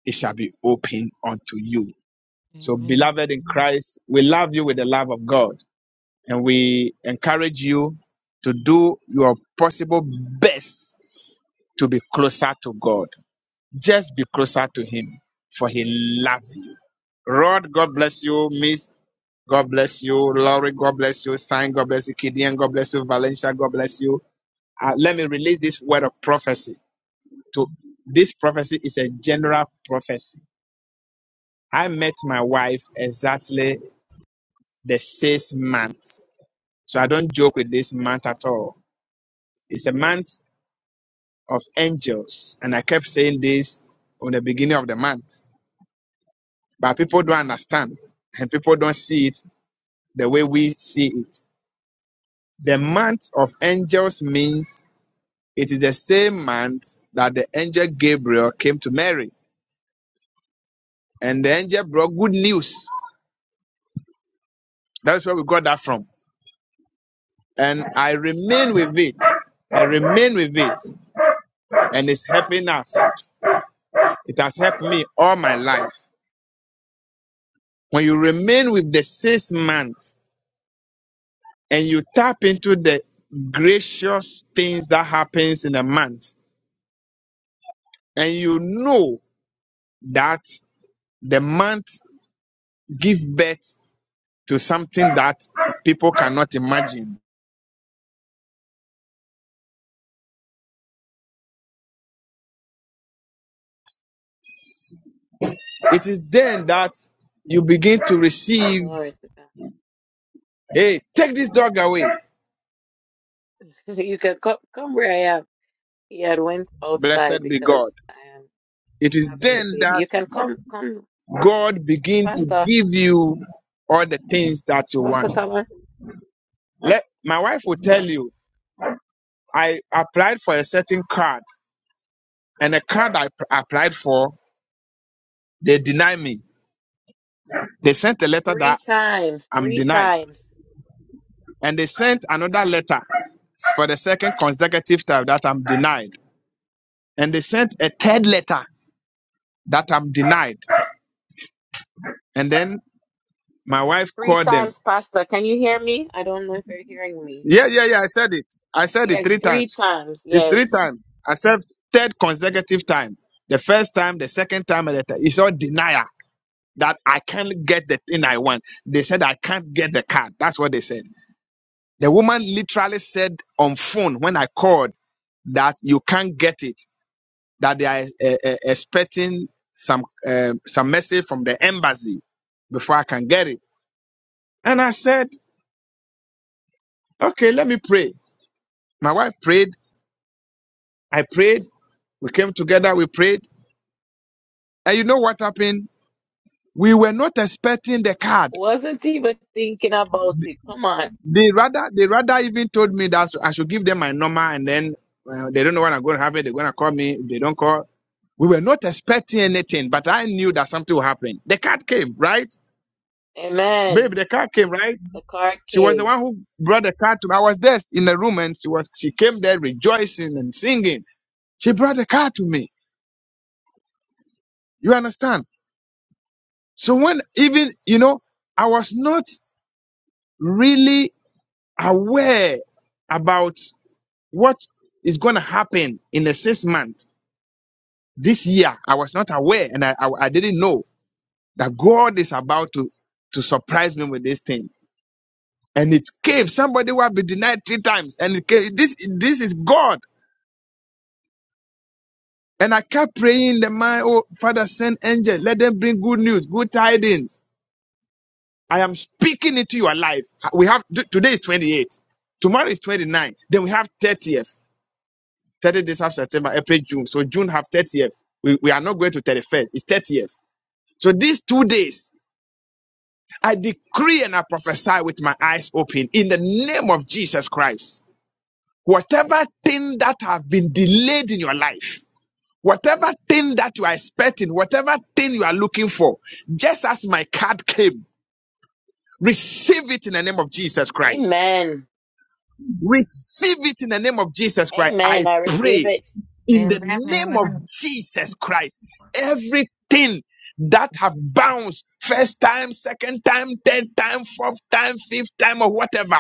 Speaker 2: it shall be opened unto you. So, beloved in Christ, we love you with the love of God and we encourage you to do your possible best to be closer to God. Just be closer to Him, for He loves you. Rod, God bless you. Miss, God bless you. Laurie, God bless you. Sign, God bless you. Kidian, God bless you. Valencia, God bless you. Uh, let me release this word of prophecy. To this prophecy is a general prophecy. I met my wife exactly the sixth month, so I don't joke with this month at all. It's a month of angels, and I kept saying this on the beginning of the month, but people don't understand and people don't see it the way we see it. The month of angels means it is the same month that the angel Gabriel came to Mary, and the angel brought good news. That's where we got that from. And I remain with it. I remain with it, and it's helping us. It has helped me all my life. When you remain with the sixth month and you tap into the gracious things that happens in a month, and you know that the month give birth to something that people cannot imagine. It is then that you begin to receive, hey, take this dog away. Blessed be God. It is then that God begin to give you all the things that you want. Let my wife will tell you, I applied for a certain card, and the card I p- applied for, they denied me. They sent a letter that I'm denied, and they sent another letter for the second consecutive time that I'm denied. and they sent a third letter that I'm denied. And then my wife called them. Yeah, yeah, yeah. I said it. I said it three times. It's three times. I said third consecutive time. The first time, the second time, and the third. It's all denial that I can't get the thing I want. They said I can't get the card. That's what they said. The woman literally said on phone when I called that you can't get it. That they are eh, eh, expecting some um, some message from the embassy before I can get it. And I said, okay, let me pray. My wife prayed. I prayed. We came together. We prayed. And you know what happened? We were not expecting the card. They rather, they rather even told me that I should give them my number and then well, they don't know when I'm going to have it. They're going to call me. If they don't call, we were not expecting anything, but I knew that something would happen. The card came, right? Babe, the card came, right? She was the one who brought the card to me. I was there in the room and she was, she came there rejoicing and singing. She brought the card to me. You understand? So when even, you know, I was not really aware about what is going to happen in the six months this year. I was not aware and I, I, I didn't know that God is about to, to surprise me with this thing. And it came. Somebody will be denied three times. And it came. this, this is God. And I kept praying the man, oh, Father, send angels. Let them bring good news, good tidings I am speaking into your life. We have t- today is twenty eighth. Tomorrow is 29. Then we have 30th. 30 days after September, April, June. So June have 30th. We, we are not going to 31st. It's 30th. So these two days, I decree and I prophesy with my eyes open in the name of Jesus Christ. Whatever thing that have been delayed in your life, whatever thing that you are expecting, whatever thing you are looking for, just as my card came, receive it in the name of Jesus Christ. Receive it in the name of Jesus Christ. I pray in the name of Jesus Christ. Everything that have bounced first time, second time, third time, fourth time, fifth time, or whatever.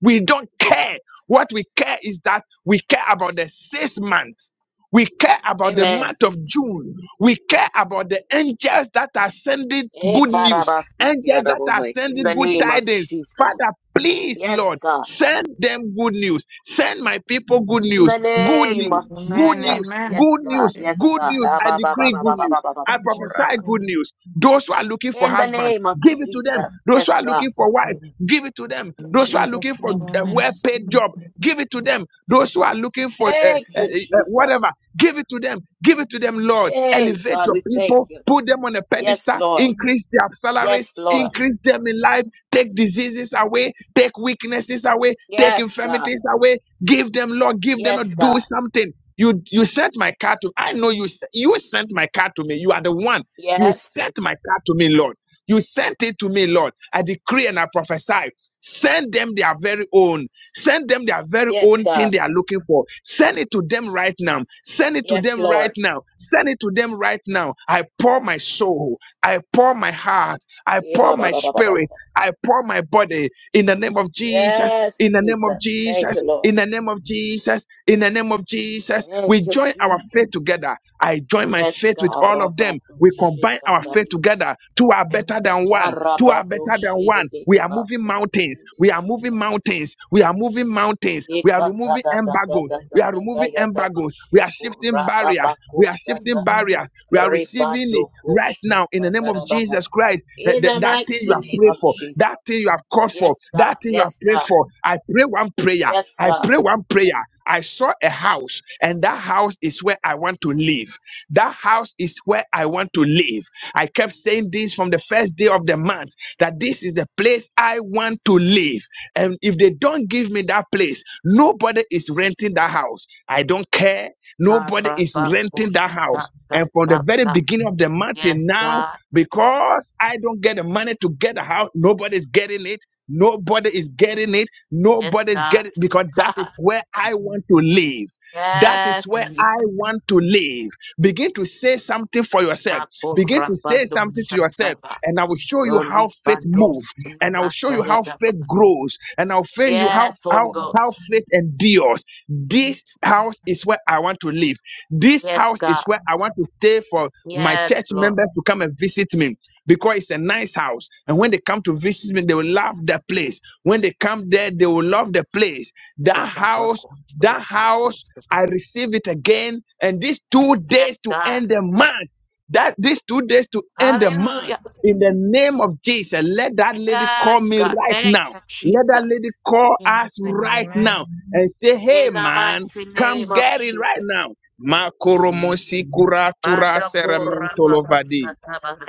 Speaker 2: We don't care. What we care is that we care about the six months. We care about the month of June. We care about the angels that are sending good news, angels that are sending good tidings. Father, please, Lord, send them good news. Send my people good news. Good news. Good news. Good news. Good news. I decree good news. I prophesy good news. Those who are looking for husband, give it to them. Those who are looking for wife, give it to them. Those who are looking for a well-paid job, give it to them. Those who are looking for uh, uh, uh, whatever, give it to them. Give it to them, Lord. Elevate your people, put them on a pedestal, increase their salaries, increase them in life, take diseases away, take weaknesses away, take infirmities away. Give them, Lord, give them a do something. You you sent my car to I know you s- you sent my car to me. You are the one. You sent my car to me, Lord. You sent it to me, Lord. I decree and I prophesy. Send them their very own. Send them their very own thing they are looking for. Send it to them right now. Send it to them right now. Send it to them right now. I pour my soul. I pour my heart. I pour my spirit. I pour my body in the name of Jesus, in the name of Jesus, in the name of Jesus, in the name of Jesus. We join our faith together. I join my faith with all of them. We combine our faith together. Two are better than one. Two are better than one. We are moving mountains. We are moving mountains. We are moving mountains. We are we are removing embargoes. We are removing embargoes. We are shifting barriers. We are shifting barriers. We are receiving it right now in the name of Jesus Christ. That, that, that thing you have prayed for, that thing you have called for, that thing you have prayed for. I pray one prayer. I pray one prayer. I saw a house, and that house is where I want to live. That house is where I want to live. I kept saying this from the first day of the month that this is the place I want to live. And if they don't give me that place, nobody is renting that house. I don't care. Nobody is renting that house. And from the very beginning of the month till now, because I don't get the money to get a house, nobody's getting it. Nobody is getting it. Nobody's getting because that is where I want to live. That is where I want to live. Begin to say something for yourself. Begin to say something to yourself, and I will show you how faith moves, and I will show you how faith grows, and I'll show you how how how faith endures. This house is where I want to live. This house is where I want to stay for my church members to come and visit me because it's a nice house. And when they come to visit me, they will love the place. When they come there, they will love the place. That house, that house, I receive it again. And these two days to end the month, that these two days to end the month, in the name of Jesus, let that lady call me right now. Let that lady call us right now and say, hey man, come get it right now. Makoromosi kuratura serementolovadi.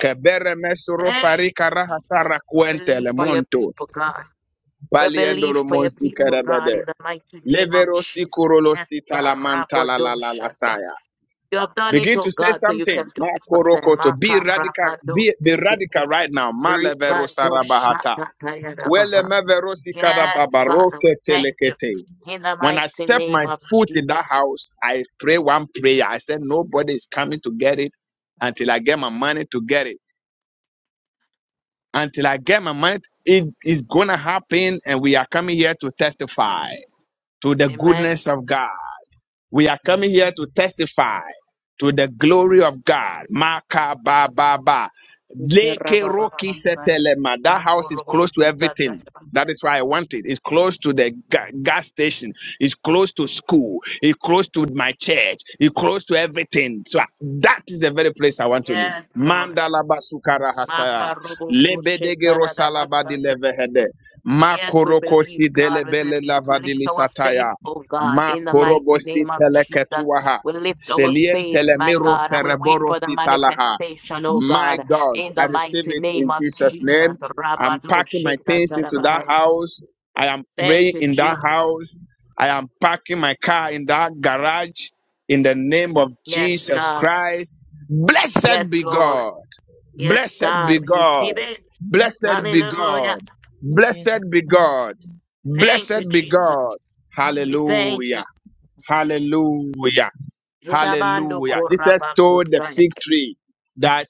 Speaker 2: Kebere mesoro farika rahasara kuentele monto. Paliendolo monsi kerebede. Levero si kurolo si talamanta la la la la saya. Begin to say something. Makorokoto. Be radical. Be, be radical right now. Malevero sarabahata. Kwelemeverosikarababaroketelekete. When I step my foot in that house, I pray one prayer. I said, Nobody is coming to get it until I get my money to get it. Until I get my money, it is going to happen. And we are coming here to testify to the goodness of God. We are coming here to testify to the glory of God. Maka ba ba ba. Leke roki setelema. That house is close to everything. That is why I want it. It's close to the ga- gas station. It's close to school. It's close to my church. It's close to everything. So I- that is the very place I want to live. Mandala basukara hasara. Lebedege rosalaba dilevehede. Makoroko sidelebele lavadilisataya. Ma korobosi teleketuaha. Selientelemiro cereborosi talaha. My God, I receive it in Jesus' name. I'm packing my things into that house. I am praying in that house. I am parking my car in that garage in the name of Jesus Christ. Blessed be God. Blessed be God. Blessed be God. Blessed be God. Blessed be God. Hallelujah. Hallelujah. Hallelujah. Jesus told the fig tree that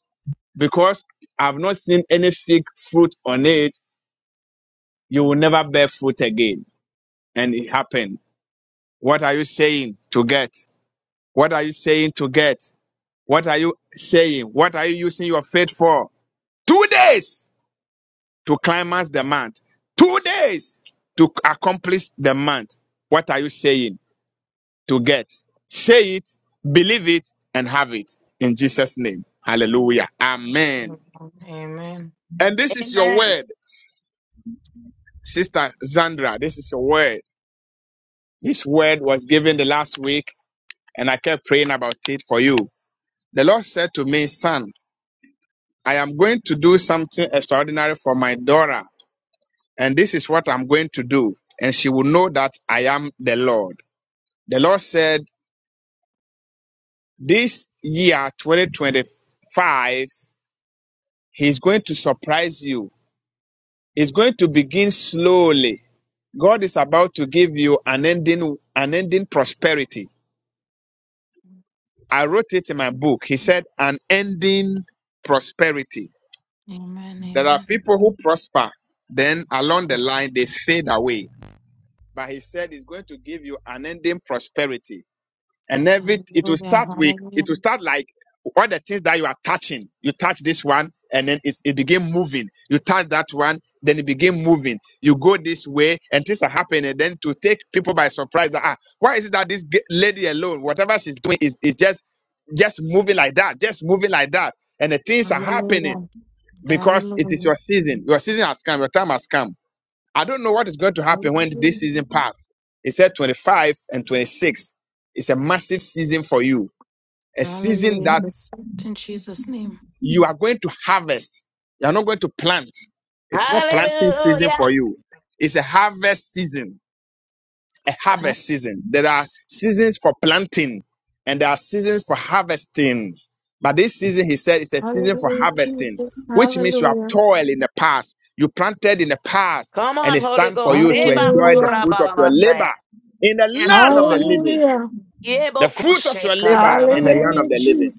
Speaker 2: because I've not seen any fig fruit on it, you will never bear fruit again. And it happened. What are you saying to get? What are you saying to get? What are you saying? What are you using your faith for? Two days. to climax the month. Two days to accomplish the month. What are you saying to get? Say it, believe it, and have it in Jesus' name. Hallelujah. Amen. And this is your word, Sister Zandra. This is your word. This word was given the last week, and I kept praying about it for you. The Lord said to me, Son, I am going to do something extraordinary for my daughter, and this is what I'm going to do, and she will know that I am the Lord. The Lord said, This year, 2025, He's going to surprise you. He's going to begin slowly. God is about to give you an ending, an ending prosperity. I wrote it in my book. He said, An ending prosperity. There are people who prosper, then along the line, they fade away. But He said, He's going to give you an ending prosperity and every it will start with it will start like all the things that you are touching you touch this one and then it, it begin moving you touch that one then it begin moving you go this way and things are happening and then to take people by surprise that ah, why is it that this ge- lady alone whatever she's doing is, is just just moving like that just moving like that and the things are happening because it is your season your season has come your time has come I don't know what is going to happen when this season pass. He said 25 and 26. It's a massive season for you. A season that you are going to harvest. You are not going to plant. It's not planting season for you. It's a harvest season a harvest season. There are seasons for planting and there are seasons for harvesting. But this season, he said, it's a season for harvesting, which means you have toiled in the past, you planted in the past, and it's time for you to enjoy the fruit of your labor in the land of the living. The fruit of your labor in the land of the living.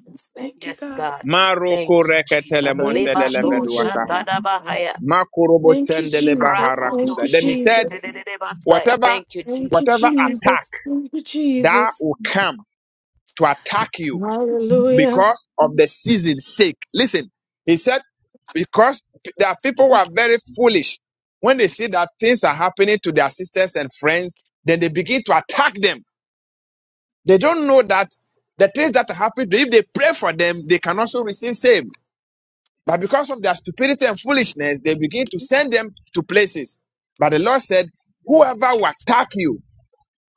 Speaker 2: Maroko reketelemon sedelebeduwasaha. Makurobo sendelebaharakusa. Then he said, whatever, whatever attack that will come to attack you because of the season's sake. Listen, he said, because there are people who are very foolish. When they see that things are happening to their sisters and friends, then they begin to attack them. They don't know that the things that happen, if they pray for them, they can also receive same. But because of their stupidity and foolishness, they begin to send them to places. But the Lord said, whoever will attack you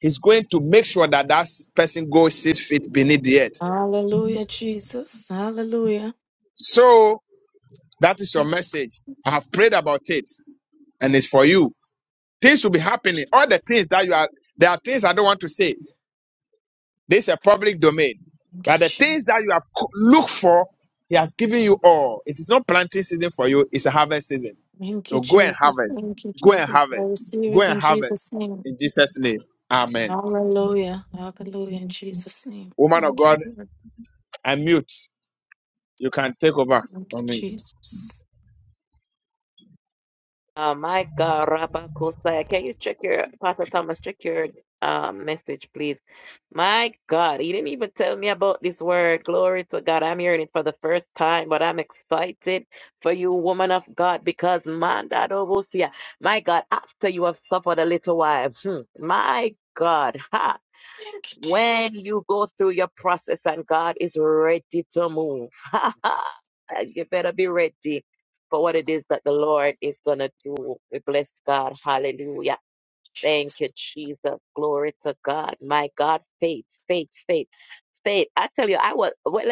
Speaker 2: is going to make sure that that person goes six feet beneath the earth. So That is your message. I have prayed about it and it's for you. Things will be happening. All the things that you are, there are things I don't want to say. This is a public domain. But the things that you have co- looked for, He has given you all. It is not planting season for you, it's a harvest season. So go and harvest. Go and harvest. Go and harvest. In Jesus' name. Amen. Woman of God, I mute. You can take over for me.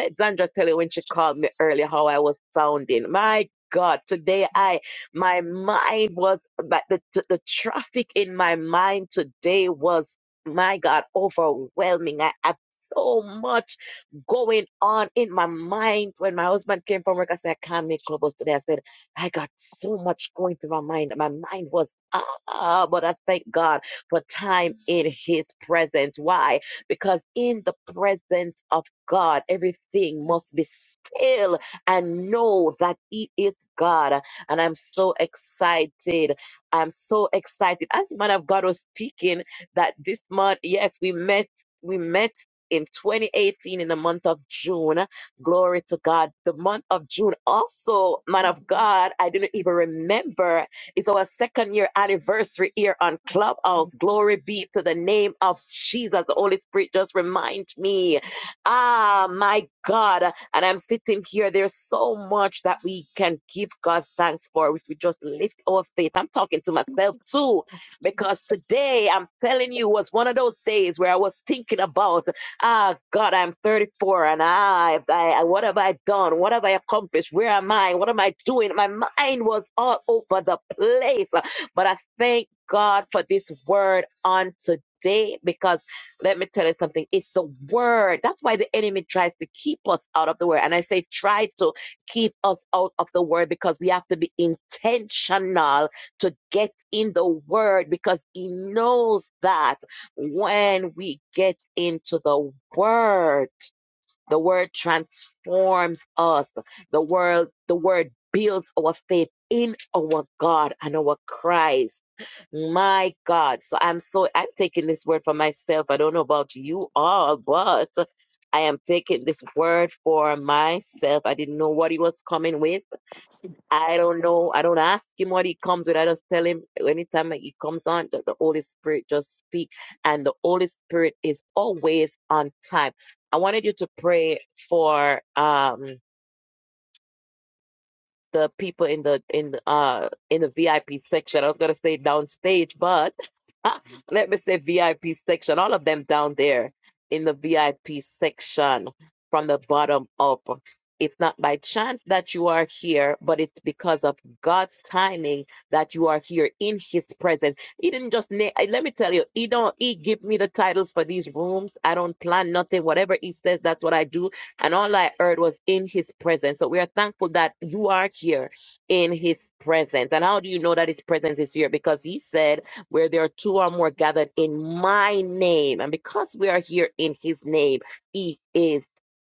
Speaker 1: let Zandra tell you when she called me earlier how I was sounding. My God, today I, my mind was, but the, the the traffic in my mind today was, my God, overwhelming. I had so much going on in my mind when my husband came from work. I said, I can't make clubhouse today. I said, I got so much going through my mind. My mind was, ah, ah, but I thank God for time in his presence. Why? Because in the presence of God, everything must be still and know that he is God. And I'm so excited. I'm so excited. As the man of God was speaking, that this month, yes, we met. We met in 2018 in the month of June. Glory to God. The month of June also, man of God, I didn't even remember. It's our second year anniversary here on Clubhouse. Glory be to the name of Jesus. The Holy Spirit just remind me. Ah, my God. And I'm sitting here. There's so much that we can give God thanks for if we just lift our faith. I'm talking to myself too, because today I'm telling you was one of those days where I was thinking about Ah, God, I'm 34 and I, I, what have I done? What have I accomplished? Where am I? What am I doing? My mind was all over the place. But I thank God for this word on today because let me tell you something. It's the word. That's why the enemy tries to keep us out of the word. And I say, try to keep us out of the word because we have to be intentional to get in the word because he knows that when we get into the word the word transforms us the word the word builds our faith in our god and our christ my god so i'm so i'm taking this word for myself i don't know about you all but i am taking this word for myself i didn't know what he was coming with I don't know. I don't ask him what he comes with. I just tell him anytime he comes on, the, the Holy Spirit just speak. And the Holy Spirit is always on time. I wanted you to pray for um the people in the in uh in the VIP section. I was gonna say downstage, but let me say VIP section. All of them down there in the VIP section from the bottom up. It's not by chance that you are here, but it's because of God's timing that you are here in His presence. He didn't just na- I- let me tell you. He don't. He give me the titles for these rooms. I don't plan nothing. Whatever He says, that's what I do and all I heard was in his presence. So we are thankful that you are here in his presence. And how do you know that his presence is here? Because he said, Where there are two or more gathered in my name, and because we are here in his name, he is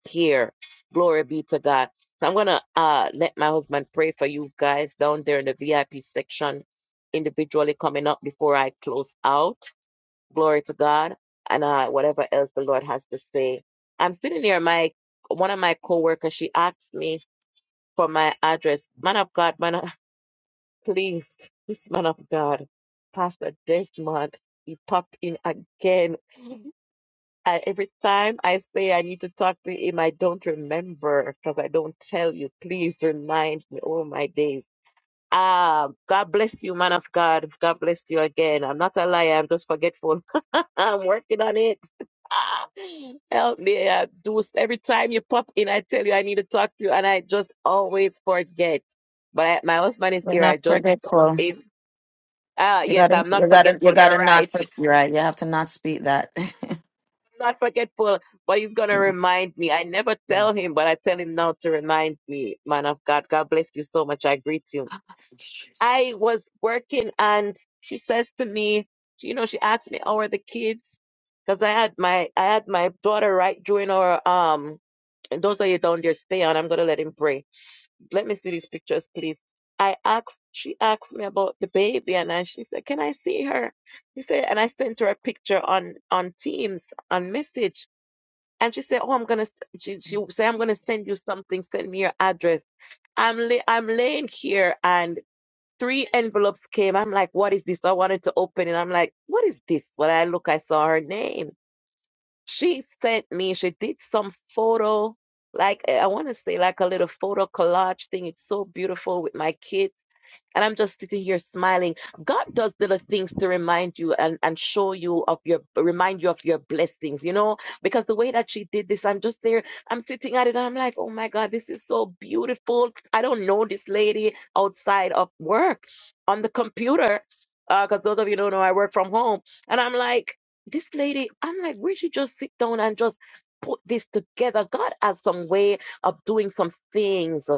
Speaker 1: here. Glory be to God. So I'm gonna uh let my husband pray for you guys down there in the VIP section individually coming up before I close out. Glory to God. And uh, whatever else the Lord has to say. I'm sitting here, my one of my coworkers, she asked me for my address. Man of God, man of, please, this man of God, Pastor Desmond, he popped in again. I, every time I say I need to talk to him, I don't remember because I don't tell you. Please remind me all my days. Ah, God bless you, man of God. God bless you again. I'm not a liar. I'm just forgetful. I'm working on it. Help me. I do every time you pop in, I tell you I need to talk to you, and I just always forget. But I, my husband is here. I just thought him. Ah, yes, I'm not forgetful. You're right. I'm not forgetful, but he's gonna remind me. I never tell him, but I tell him now to remind me. Man of God, God bless you so much. I greet you. I was working, and she says to me, you know, she asked me, "How are the kids?" Because I had my I had my daughter right during our um And those of you down there, stay on. I'm going to let him pray. Let me see these pictures, please. I asked, she asked me about the baby, and I, she said, Can I see her? She said, and I sent her a picture on on Teams, on message. And she said, Oh, I'm going to, she, she said, I'm going to send you something. Send me your address. I'm, lay I'm laying here, and three envelopes came. I'm like, What is this? I wanted to open it. I'm like, What is this? When I look, I saw her name. She sent me, she did some photo, like eh, I want to say like a little photo collage thing. It's so beautiful with my kids. And I'm just sitting here smiling. God does little things to remind you and, and show you of your remind you of your blessings, you know? Because the way that she did this, I'm just there, I'm sitting at it and I'm like, oh my God, this is so beautiful. I don't know this lady outside of work on the computer. Uh, because those of you don't know I work from home. And I'm like, this lady, I'm like, where she just sit down and just put this together? God has some way of doing some things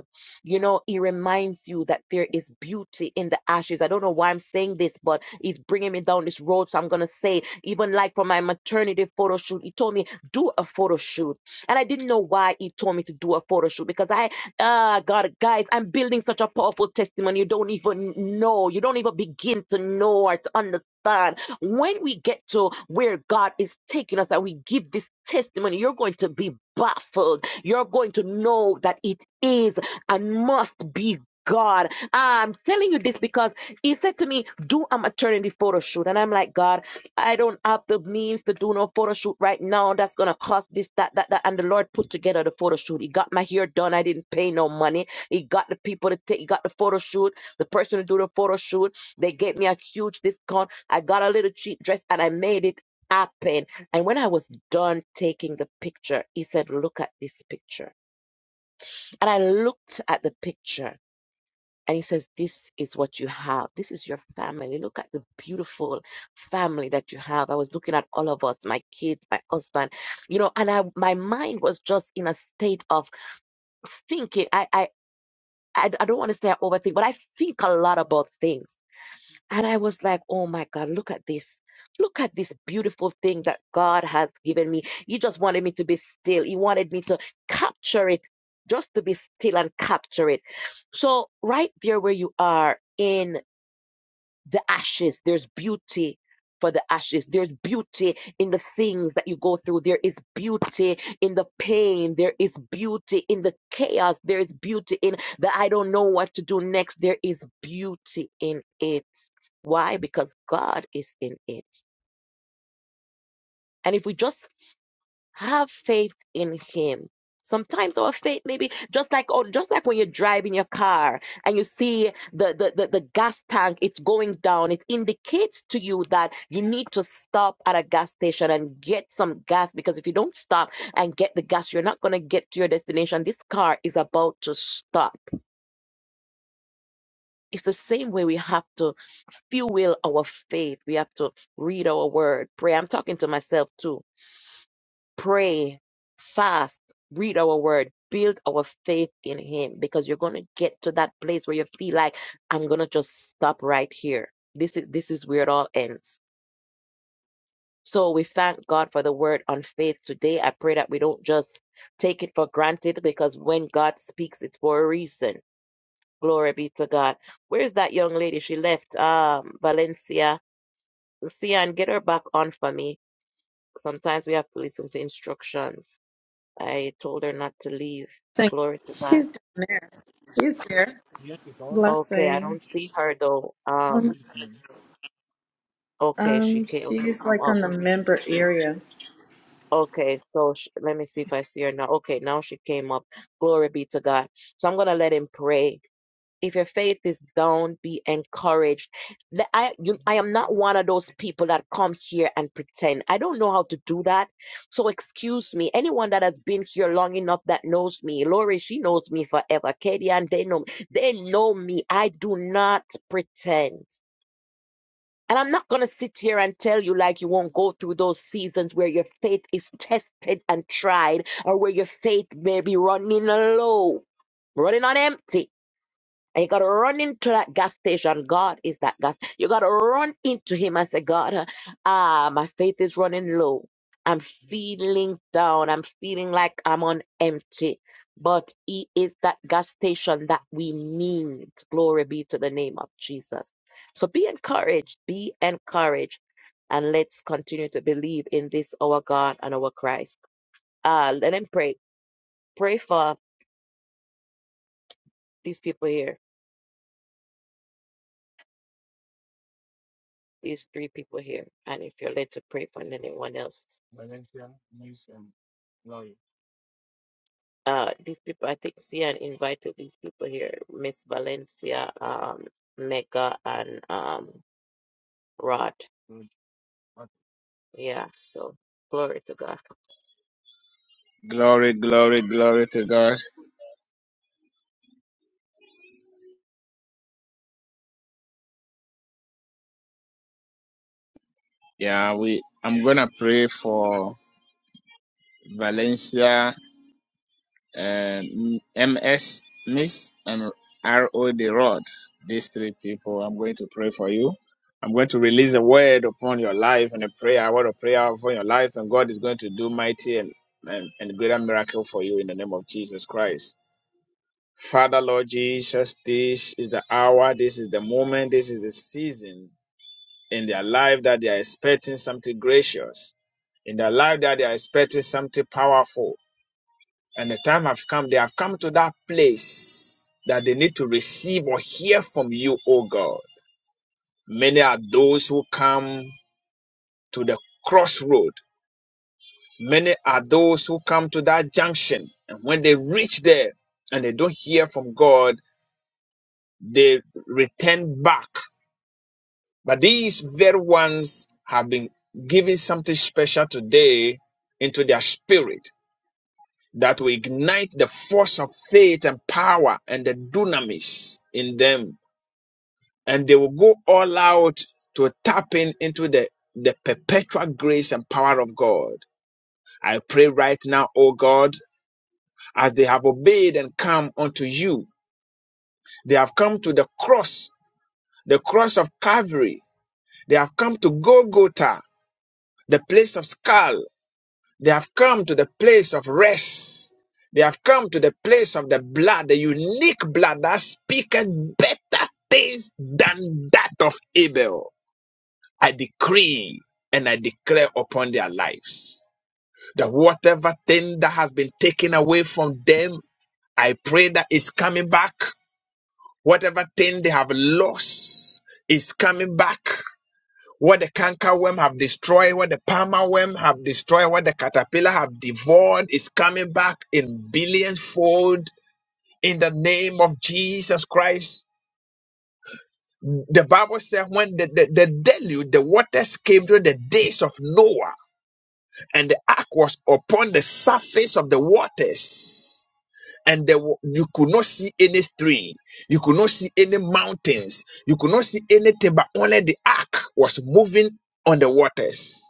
Speaker 1: you know, he reminds you that there is beauty in the ashes. I don't know why I'm saying this, but he's bringing me down this road. So I'm going to say, even like for my maternity photo shoot, he told me, do a photo shoot. And I didn't know why he told me to do a photo shoot because I, ah, uh, God, guys, I'm building such a powerful testimony. You don't even know. You don't even begin to know or to understand God, when we get to where God is taking us and we give this testimony, you're going to be baffled. You're going to know that it is and must be God. I'm telling you this because he said to me, Do a maternity photo shoot. And I'm like, God, I don't have the means to do no photo shoot right now. That's going to cost this, that, that, that. And the Lord put together the photo shoot. He got my hair done. I didn't pay no money. He got the people to take, he got the photo shoot, the person to do the photo shoot. They gave me a huge discount. I got a little cheap dress and I made it happen. And when I was done taking the picture, he said, Look at this picture. And I looked at the picture and he says, This is what you have. This is your family. Look at the beautiful family that you have. I was looking at all of us, my kids, my husband, you know, and I my mind was just in a state of thinking. I I I, I don't want to say I overthink, but I think a lot about things. And I was like, oh my God, look at this. Look at this beautiful thing that God has given me. He just wanted me to be still. He wanted me to capture it, just to be still and capture it. So, right there where you are in the ashes. There's beauty for the ashes. There's beauty in the things that you go through. There is beauty in the pain. There is beauty in the chaos. There is beauty in the I don't know what to do next. There is beauty in it. Why? Because God is in it. And if we just have faith in him sometimes our faith maybe just like oh just like when you're driving your car and you see the, the the the gas tank it's going down it indicates to you that you need to stop at a gas station and get some gas because if you don't stop and get the gas you're not going to get to your destination this car is about to stop it's the same way we have to fuel our faith we have to read our word pray i'm talking to myself too pray, fast, read our word, build our faith in Him because you're going to get to that place where you feel like I'm going to just stop right here. This is this is where it all ends. So we thank God for the word on faith today. I pray that we don't just take it for granted because when God speaks, it's for a reason. Glory be to God. Where's that young lady? She left um Valencia. Lucia, and get her back on for me. Sometimes we have to listen to instructions. I told her not to leave.
Speaker 4: Thanks.
Speaker 1: Glory to God.
Speaker 4: She's down there. She's there.
Speaker 1: Okay, I
Speaker 4: Blessing.
Speaker 1: don't see her though.
Speaker 4: Um,
Speaker 1: Um, okay, she
Speaker 4: um,
Speaker 1: came. Okay,
Speaker 4: she's
Speaker 1: come
Speaker 4: like
Speaker 1: up.
Speaker 4: on the member
Speaker 1: She,
Speaker 4: area.
Speaker 1: okay, so sh let me see if I see her now. Okay, now she came up. Glory be to God. So I'm gonna let him pray if your faith is down, be encouraged. The- I you, I am not one of those people that come here and pretend. I don't know how to do that. So excuse me. Anyone that has been here long enough that knows me, Lori, she knows me forever. Katie and they know me. They know me. I do not pretend. And I'm not going to sit here and tell you like you won't go through those seasons where your faith is tested and tried or where your faith may be running low, running on empty and you got to run into that gas station. God is that gas. You got to run into Him and say, God, uh, ah, my faith is running low. I'm feeling down. I'm feeling like I'm on empty. But He is that gas station that we need. Glory be to the name of Jesus. So be encouraged. Be encouraged. And let's continue to believe in this, our God and our Christ. Uh, let him pray. Pray for these people here. These three people here, and if you're led to pray for anyone else, uh, these people, I think, Sian invited these people here: Miss Valencia, um, Mega, and um, Rod. Yeah. So glory to God.
Speaker 2: Glory, glory, glory to God. Yeah, we I'm gonna pray for Valencia uh, MS Miss and RO the Rod. These three people, I'm going to pray for you. I'm going to release a word upon your life and a prayer, a word of prayer upon your life, and God is going to do mighty and, and, and greater miracle for you in the name of Jesus Christ. Father, Lord Jesus, this is the hour, this is the moment, this is the season in their life that they are expecting something gracious, in their life that they are expecting something powerful, And the time have come, they have come to that place that they need to receive or hear from you, O God. Many are those who come to the crossroad. Many are those who come to that junction. And when they reach there and they don't hear from God, they return back. But these very ones have been given something special today into their spirit that will ignite the force of faith and power and the dunamis in them and they will go all out to tap in into the, the perpetual grace and power of God. I pray right now, O God, as they have obeyed and come unto you. They have come to the cross, the cross of Calvary. They have come to Golgotha, the place of skull. They have come to the place of rest. They have come to the place of the blood, the unique blood that speaketh better things than that of Abel. I decree and I declare upon their lives that whatever thing that has been taken away from them, I pray that is coming back. Whatever thing they have lost is coming back. What the cankerworm have destroyed, what the palmer worm have destroyed, what the caterpillar have devoured is coming back in billions fold in the name of Jesus Christ. The Bible says, when the, the, the deluge, the waters came during the days of Noah and the ark was upon the surface of the waters. And there, wa- you could not see any tree, you could not see any mountains, you could not see anything, but only the ark was moving on the waters.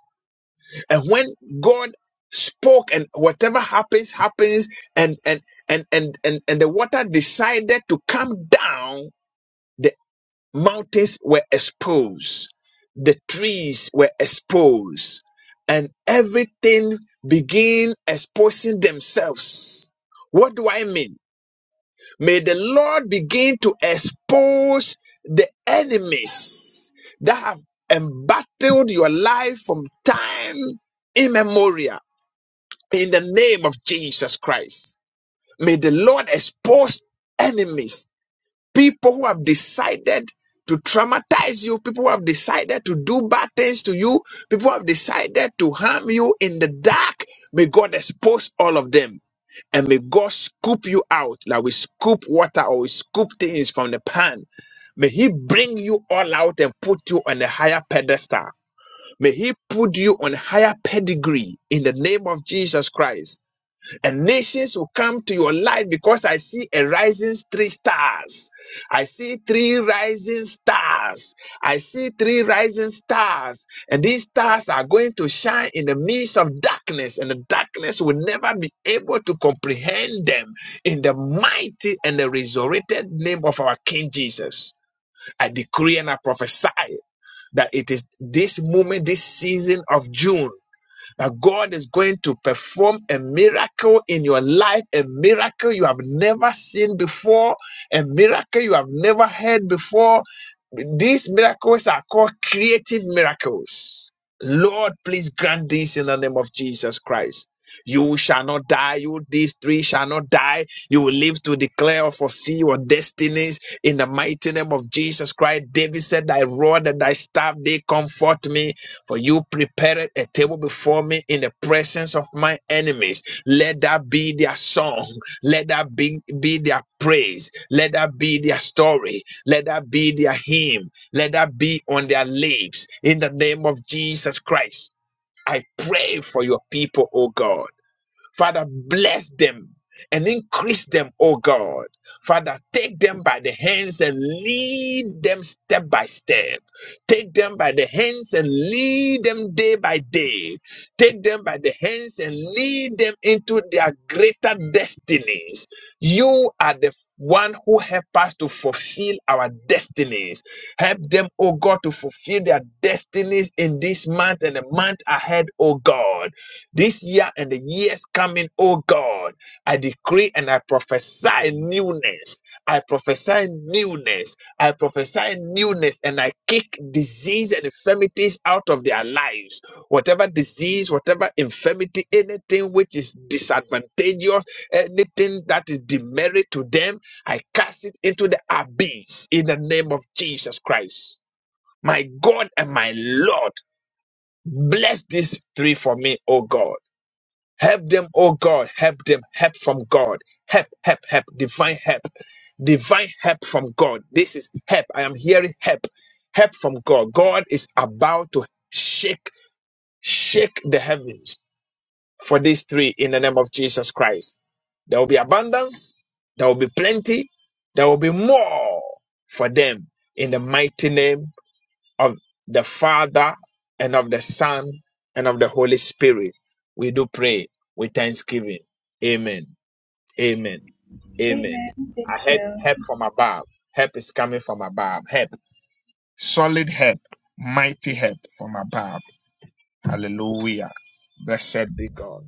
Speaker 2: And when God spoke, and whatever happens, happens, and and and and and, and the water decided to come down. the Mountains were exposed, the trees were exposed, and everything began exposing themselves. What do I mean? May the Lord begin to expose the enemies that have embattled your life from time immemorial in the name of Jesus Christ. May the Lord expose enemies people who have decided to traumatize you, people who have decided to do bad things to you, people who have decided to harm you in the dark. May God expose all of them and may God scoop you out like we scoop water or we scoop things from the pan. May He bring you all out and put you on a higher pedestal. May He put you on higher pedigree in the name of Jesus Christ and nations will come to your life because I see a rising three stars. I see three rising stars. I see three rising stars. And these stars are going to shine in the midst of darkness, and the darkness will never be able to comprehend them in the mighty and the resurrected name of our King Jesus. I decree and I prophesy that it is this moment, this season of June that God is going to perform a miracle in your life, a miracle you have never seen before, a miracle you have never heard before. These miracles are called creative miracles. Lord, please grant this in the name of Jesus Christ. You shall not die. You, these three, shall not die. You will live to declare or fulfill your destinies in the mighty name of Jesus Christ. David said, Thy rod and thy staff, they comfort me. For you prepared a table before me in the presence of my enemies. Let that be their song. Let that be, be their praise. Let that be their story. Let that be their hymn. Let that be on their lips in the name of Jesus Christ. I pray for your people, O God. Father, bless them and increase them, O God. Father, take them by the hands and lead them step by step. Take them by the hands and lead them day by day. Take them by the hands and lead them into their greater destinies. You are the one who help us to fulfill our destinies. Help them, O God, to fulfill their destinies in this month and the month ahead, O God. This year and the years coming, oh God, I decree and I prophesy newness. I prophesy newness. I prophesy newness and I kick disease and infirmities out of their lives. Whatever disease, whatever infirmity, anything which is disadvantageous, anything that is demerit to them, I cast it into the abyss in the name of Jesus Christ. My God and my Lord, bless these three for me, oh God. Help them, oh God. Help them. Help from God. Help, help, help. Divine help. Divine help from God. This is help. I am hearing help. Help from God. God is about to shake, shake the heavens for these three in the name of Jesus Christ. There will be abundance. There will be plenty. There will be more for them in the mighty name of the Father and of the Son and of the Holy Spirit. We do pray with thanksgiving. Amen. Amen. Amen.
Speaker 5: Amen. Thank
Speaker 2: I had help from above. Help is coming from above. Help. Solid help. Mighty help from above. Hallelujah. Blessed be God.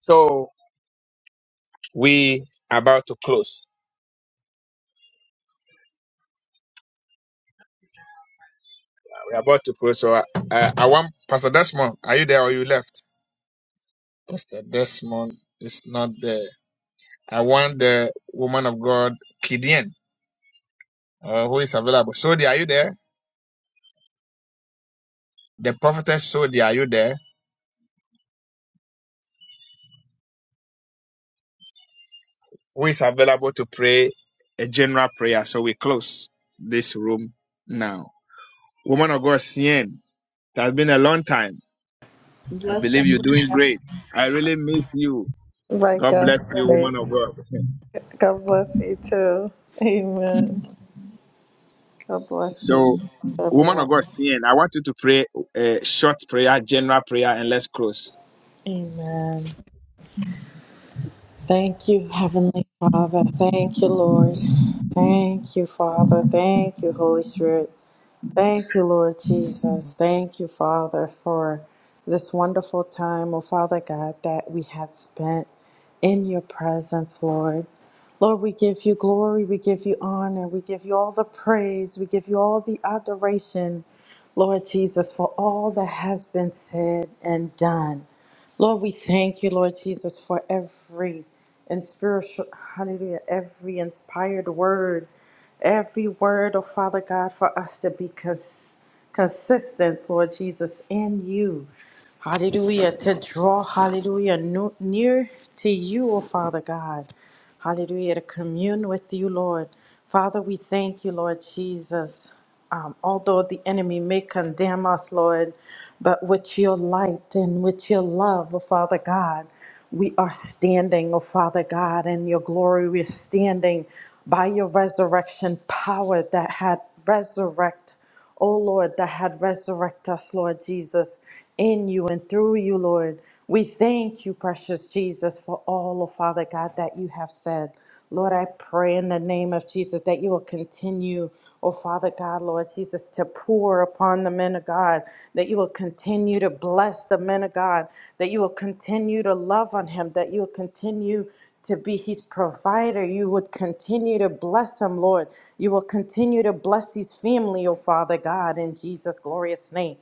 Speaker 2: So we are about to close. We're about to close. So uh, I want Pastor Desmond. Are you there or you left? Pastor Desmond is not there. I want the woman of God, Kidian, uh, who is available. Sodi, are you there? The prophetess Sodi, are you there? Who is available to pray a general prayer? So we close this room now. Woman of God, Sien, it has been a long time. I
Speaker 4: Blessing.
Speaker 2: believe you're doing great. I really miss you.
Speaker 4: Like
Speaker 2: God bless
Speaker 4: God's
Speaker 2: you, woman of
Speaker 4: grace.
Speaker 2: God.
Speaker 4: God bless you too. Amen. God bless you,
Speaker 2: So, woman
Speaker 4: everyone.
Speaker 2: of God, Sien, I want you to pray a short prayer, general prayer, and let's close.
Speaker 4: Amen. Thank you, Heavenly Father. Thank you, Lord. Thank you, Father. Thank you, Holy Spirit. Thank you, Lord Jesus. Thank you, Father, for this wonderful time, oh Father God, that we had spent in your presence, Lord. Lord, we give you glory, we give you honor, we give you all the praise, we give you all the adoration. Lord Jesus, for all that has been said and done. Lord, we thank you, Lord Jesus, for every and spiritual, hallelujah, every inspired word, every word, oh Father God, for us to be cons- consistent, Lord Jesus, in you. Hallelujah, to draw, hallelujah, nu- near to you, oh Father God. Hallelujah. To commune with you, Lord. Father, we thank you, Lord Jesus. Um, although the enemy may condemn us, Lord, but with your light and with your love, oh Father God, we are standing, oh Father God, in your glory. We're standing by your resurrection power that had resurrect. O Lord, that had resurrected us, Lord Jesus, in you and through you, Lord. We thank you, precious Jesus, for all, oh Father God, that you have said. Lord, I pray in the name of Jesus that you will continue, oh Father God, Lord Jesus, to pour upon the men of God, that you will continue to bless the men of God, that you will continue to love on him, that you will continue to be his provider. You would continue to bless him, Lord. You will continue to bless his family, oh Father God, in Jesus' glorious name.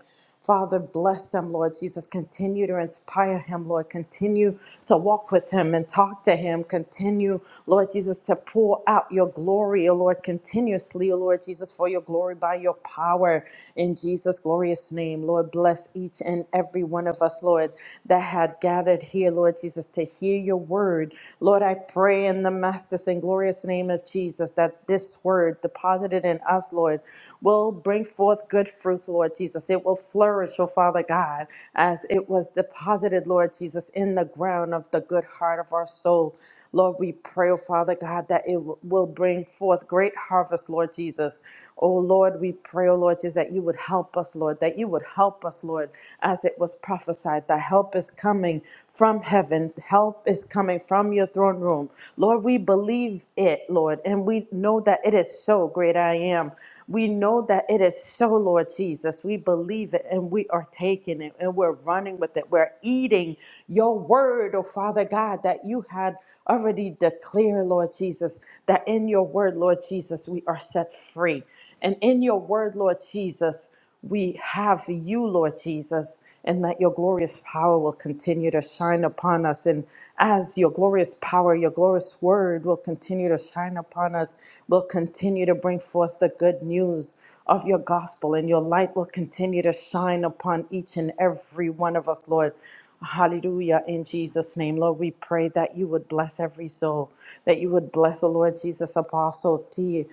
Speaker 4: Father, bless him, Lord Jesus. Continue to inspire him, Lord. Continue to walk with him and talk to him. Continue, Lord Jesus, to pour out your glory, O Lord, continuously, O Lord Jesus, for your glory by your power in Jesus' glorious name. Lord, bless each and every one of us, Lord, that had gathered here here, Lord Jesus, to hear your word. Lord, I pray in the master's and glorious name of Jesus that this word deposited in us, Lord, will bring forth good fruit, Lord Jesus. It will flourish, oh Father God, as it was deposited, Lord Jesus, in the ground of the good heart of our soul. Lord, we pray, oh Father God, that it w- will bring forth great harvest, Lord Jesus. Oh Lord, we pray, oh Lord, Jesus, that you would help us, Lord, that you would help us, Lord, as it was prophesied. The help is coming from heaven, help is coming from your throne room. Lord, we believe it, Lord, and we know that it is so great I am. We know that it is so, Lord Jesus. We believe receive it and we are taking it and we're running with it. We're eating your word, oh Father God, that you had already declared, Lord Jesus, that in your word, Lord Jesus, we are set free. And in your word, Lord Jesus, we have you, Lord Jesus, and that your glorious power will continue to shine upon us. And as your glorious power, your glorious word will continue to shine upon us, will continue to bring forth the good news of your gospel, and your light will continue to shine upon each and every one of us, Lord. Hallelujah. In Jesus' name, Lord, we pray that you would bless every soul, that you would bless, oh Lord Jesus, Apostle T.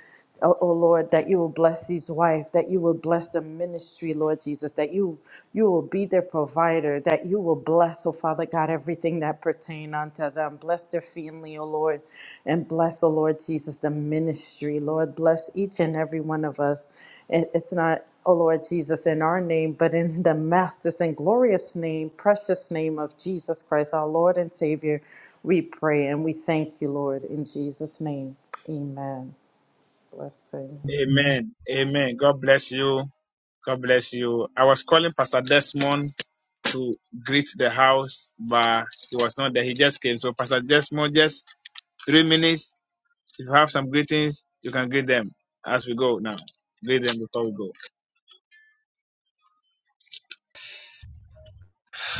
Speaker 4: Oh, oh Lord, that you will bless his wife, that you will bless the ministry, Lord Jesus, that you you will be their provider, that you will bless, oh Father. Father God, everything that pertain unto them. Bless their family, O Lord, and bless, O Lord Jesus, the ministry, Lord. Bless each and every one of us. It- It's not, O Lord Jesus, in our name, but in the master's and glorious name, precious name of Jesus Christ, our Lord and Savior, we pray and we thank you, Lord, in Jesus' name. Amen. Blessing.
Speaker 2: Amen. Amen. God bless you. God bless you. I was calling Pastor Desmond to greet the house, but he was not there. He just came. So, Pastor Desmond, just three minutes. If you have some greetings, you can greet them as we go now. Greet them before we go.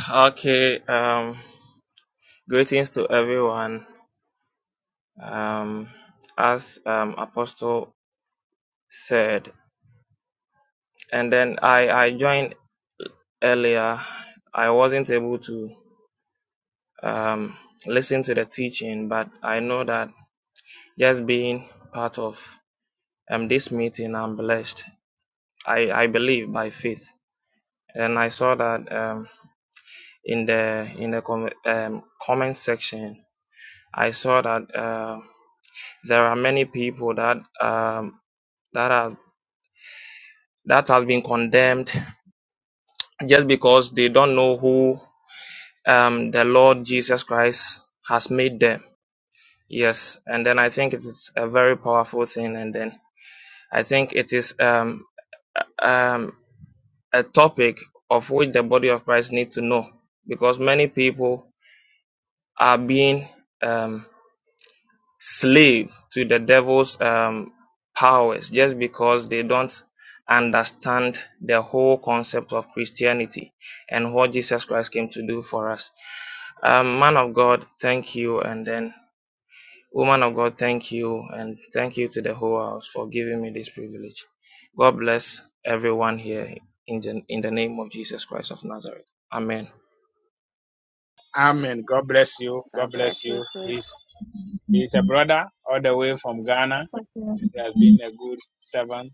Speaker 6: Okay, um, greetings to everyone. Um, as um, Apostle said, and then I, I joined earlier. I wasn't able to um, listen to the teaching, but I know that just being part of um, this meeting, I'm blessed. I, I believe by faith. And I saw that um, in the in the com- um, comment section, I saw that uh, there are many people that um, that has that has been condemned just because they don't know who um, the Lord Jesus Christ has made them. Yes, and then I think it is a very powerful thing, and then I think it is um, um, a topic of which the body of Christ need to know because many people are being um, slave to the devil's um, powers just because they don't understand the whole concept of Christianity and what Jesus Christ came to do for us. Um, man of God, thank you. And then, woman of God, thank you. And thank you to the whole house for giving me this privilege. God bless everyone here in the, in the name of Jesus Christ of Nazareth. Amen.
Speaker 2: Amen. God bless you. God bless you. He's he's a brother all the way from Ghana.
Speaker 5: you.
Speaker 2: He has been a good servant.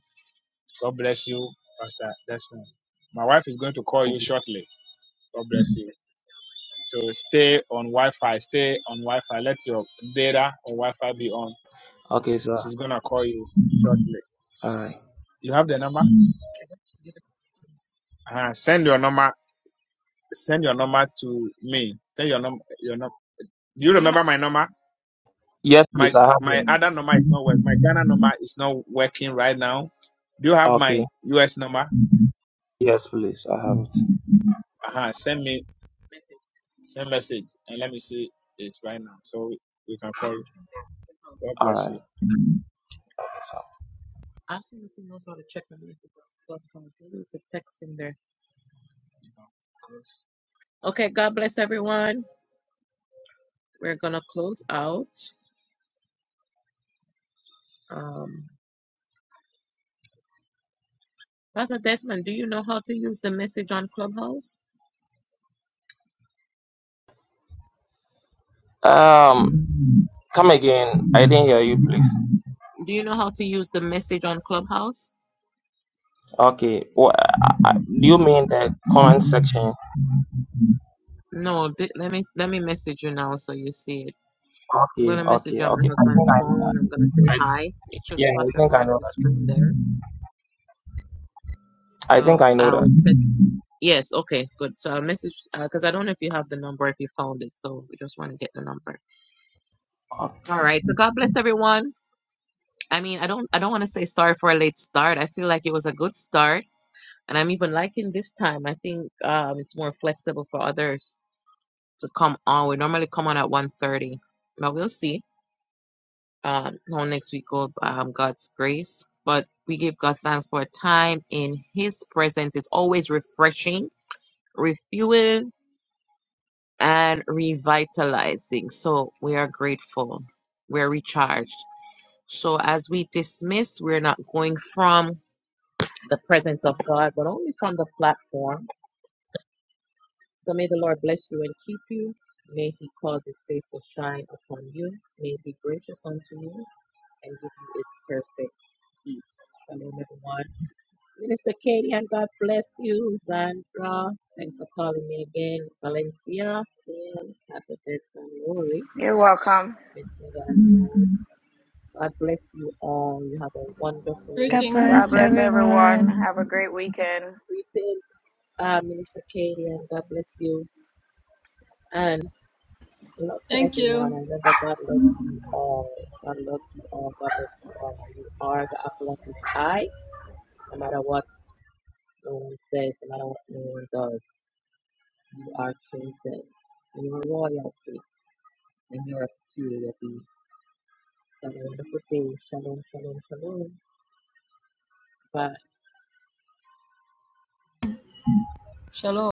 Speaker 2: God bless you, Pastor Desmond. My wife is going to call you shortly. God bless you. So stay on Wi-Fi. Stay on Wi-Fi. Let your data or Wi-Fi be on.
Speaker 6: Okay, sir.
Speaker 2: She's gonna call you shortly.
Speaker 6: All right.
Speaker 2: You have the number? Uh, send your number. Send your number to me. Send your number. Your number. Do you remember my number?
Speaker 6: Yes,
Speaker 2: My
Speaker 6: please. I have
Speaker 2: my
Speaker 6: it.
Speaker 2: other number is not working. My Ghana number is not working right now. Do you have my
Speaker 6: Okay.
Speaker 2: US number?
Speaker 6: Yes, please. I have it.
Speaker 2: uh Send me send message and let me see it right now. So we can call you. God
Speaker 6: All
Speaker 2: bless you.
Speaker 6: right.
Speaker 2: I see if he knows how to check the message that's coming through. It's a text in there. Okay, God bless everyone. We're gonna close out. Um, Pastor Desmond, do you know how to use the message on Clubhouse?
Speaker 6: Um, come again. I didn't hear you, please.
Speaker 2: Do you know how to use the message on Clubhouse?
Speaker 6: Okay. Well, I, I, do you mean the comment section?
Speaker 2: No, th- let me let me message you now so you see it. I'm
Speaker 6: Okay,
Speaker 2: gonna message
Speaker 6: okay,
Speaker 2: you on
Speaker 6: okay.
Speaker 2: my
Speaker 6: I think
Speaker 2: husband's
Speaker 6: I know. That.
Speaker 2: phone. I'm gonna say
Speaker 6: I,
Speaker 2: hi. It should
Speaker 6: yeah, I
Speaker 2: flash
Speaker 6: think I
Speaker 2: across
Speaker 6: know
Speaker 2: the
Speaker 6: that.
Speaker 2: screen there.
Speaker 6: I think
Speaker 2: So
Speaker 6: I know
Speaker 2: I'll
Speaker 6: that.
Speaker 2: text. Yes, okay, good. So I'll message because I don't know if you have the number if you found it. So we just want to get the number. All
Speaker 6: Okay.
Speaker 2: right. So God bless everyone. I mean, I don't I don't want to say sorry for a late start. I feel like it was a good start, and I'm even liking this time. I think um, it's more flexible for others to come on. We normally come on at 1:30, but we'll see um, how next week go. Um, God's grace. But we give God thanks for a time in His presence. It's always refreshing refueling and revitalizing. So we are grateful. We're recharged. So as we dismiss, we're not going from the presence of God, but only from the platform. So may the Lord bless you and keep you. May he cause his face to shine upon you. May he be gracious unto you and give you his perfect peace. Shalom, everyone. Minister Katie, and God bless you. Zandra, thanks for calling me again. Valencia, Sam, Pastor Desmond, Lori.
Speaker 7: You're welcome.
Speaker 2: Miss the Lord. God
Speaker 5: God
Speaker 8: Greeting.
Speaker 7: God
Speaker 5: bless
Speaker 7: bless everyone.
Speaker 5: everyone.
Speaker 7: Have a great weekend.
Speaker 2: uh, Minister Katie and
Speaker 8: Thank you.
Speaker 2: God.
Speaker 8: Shalom.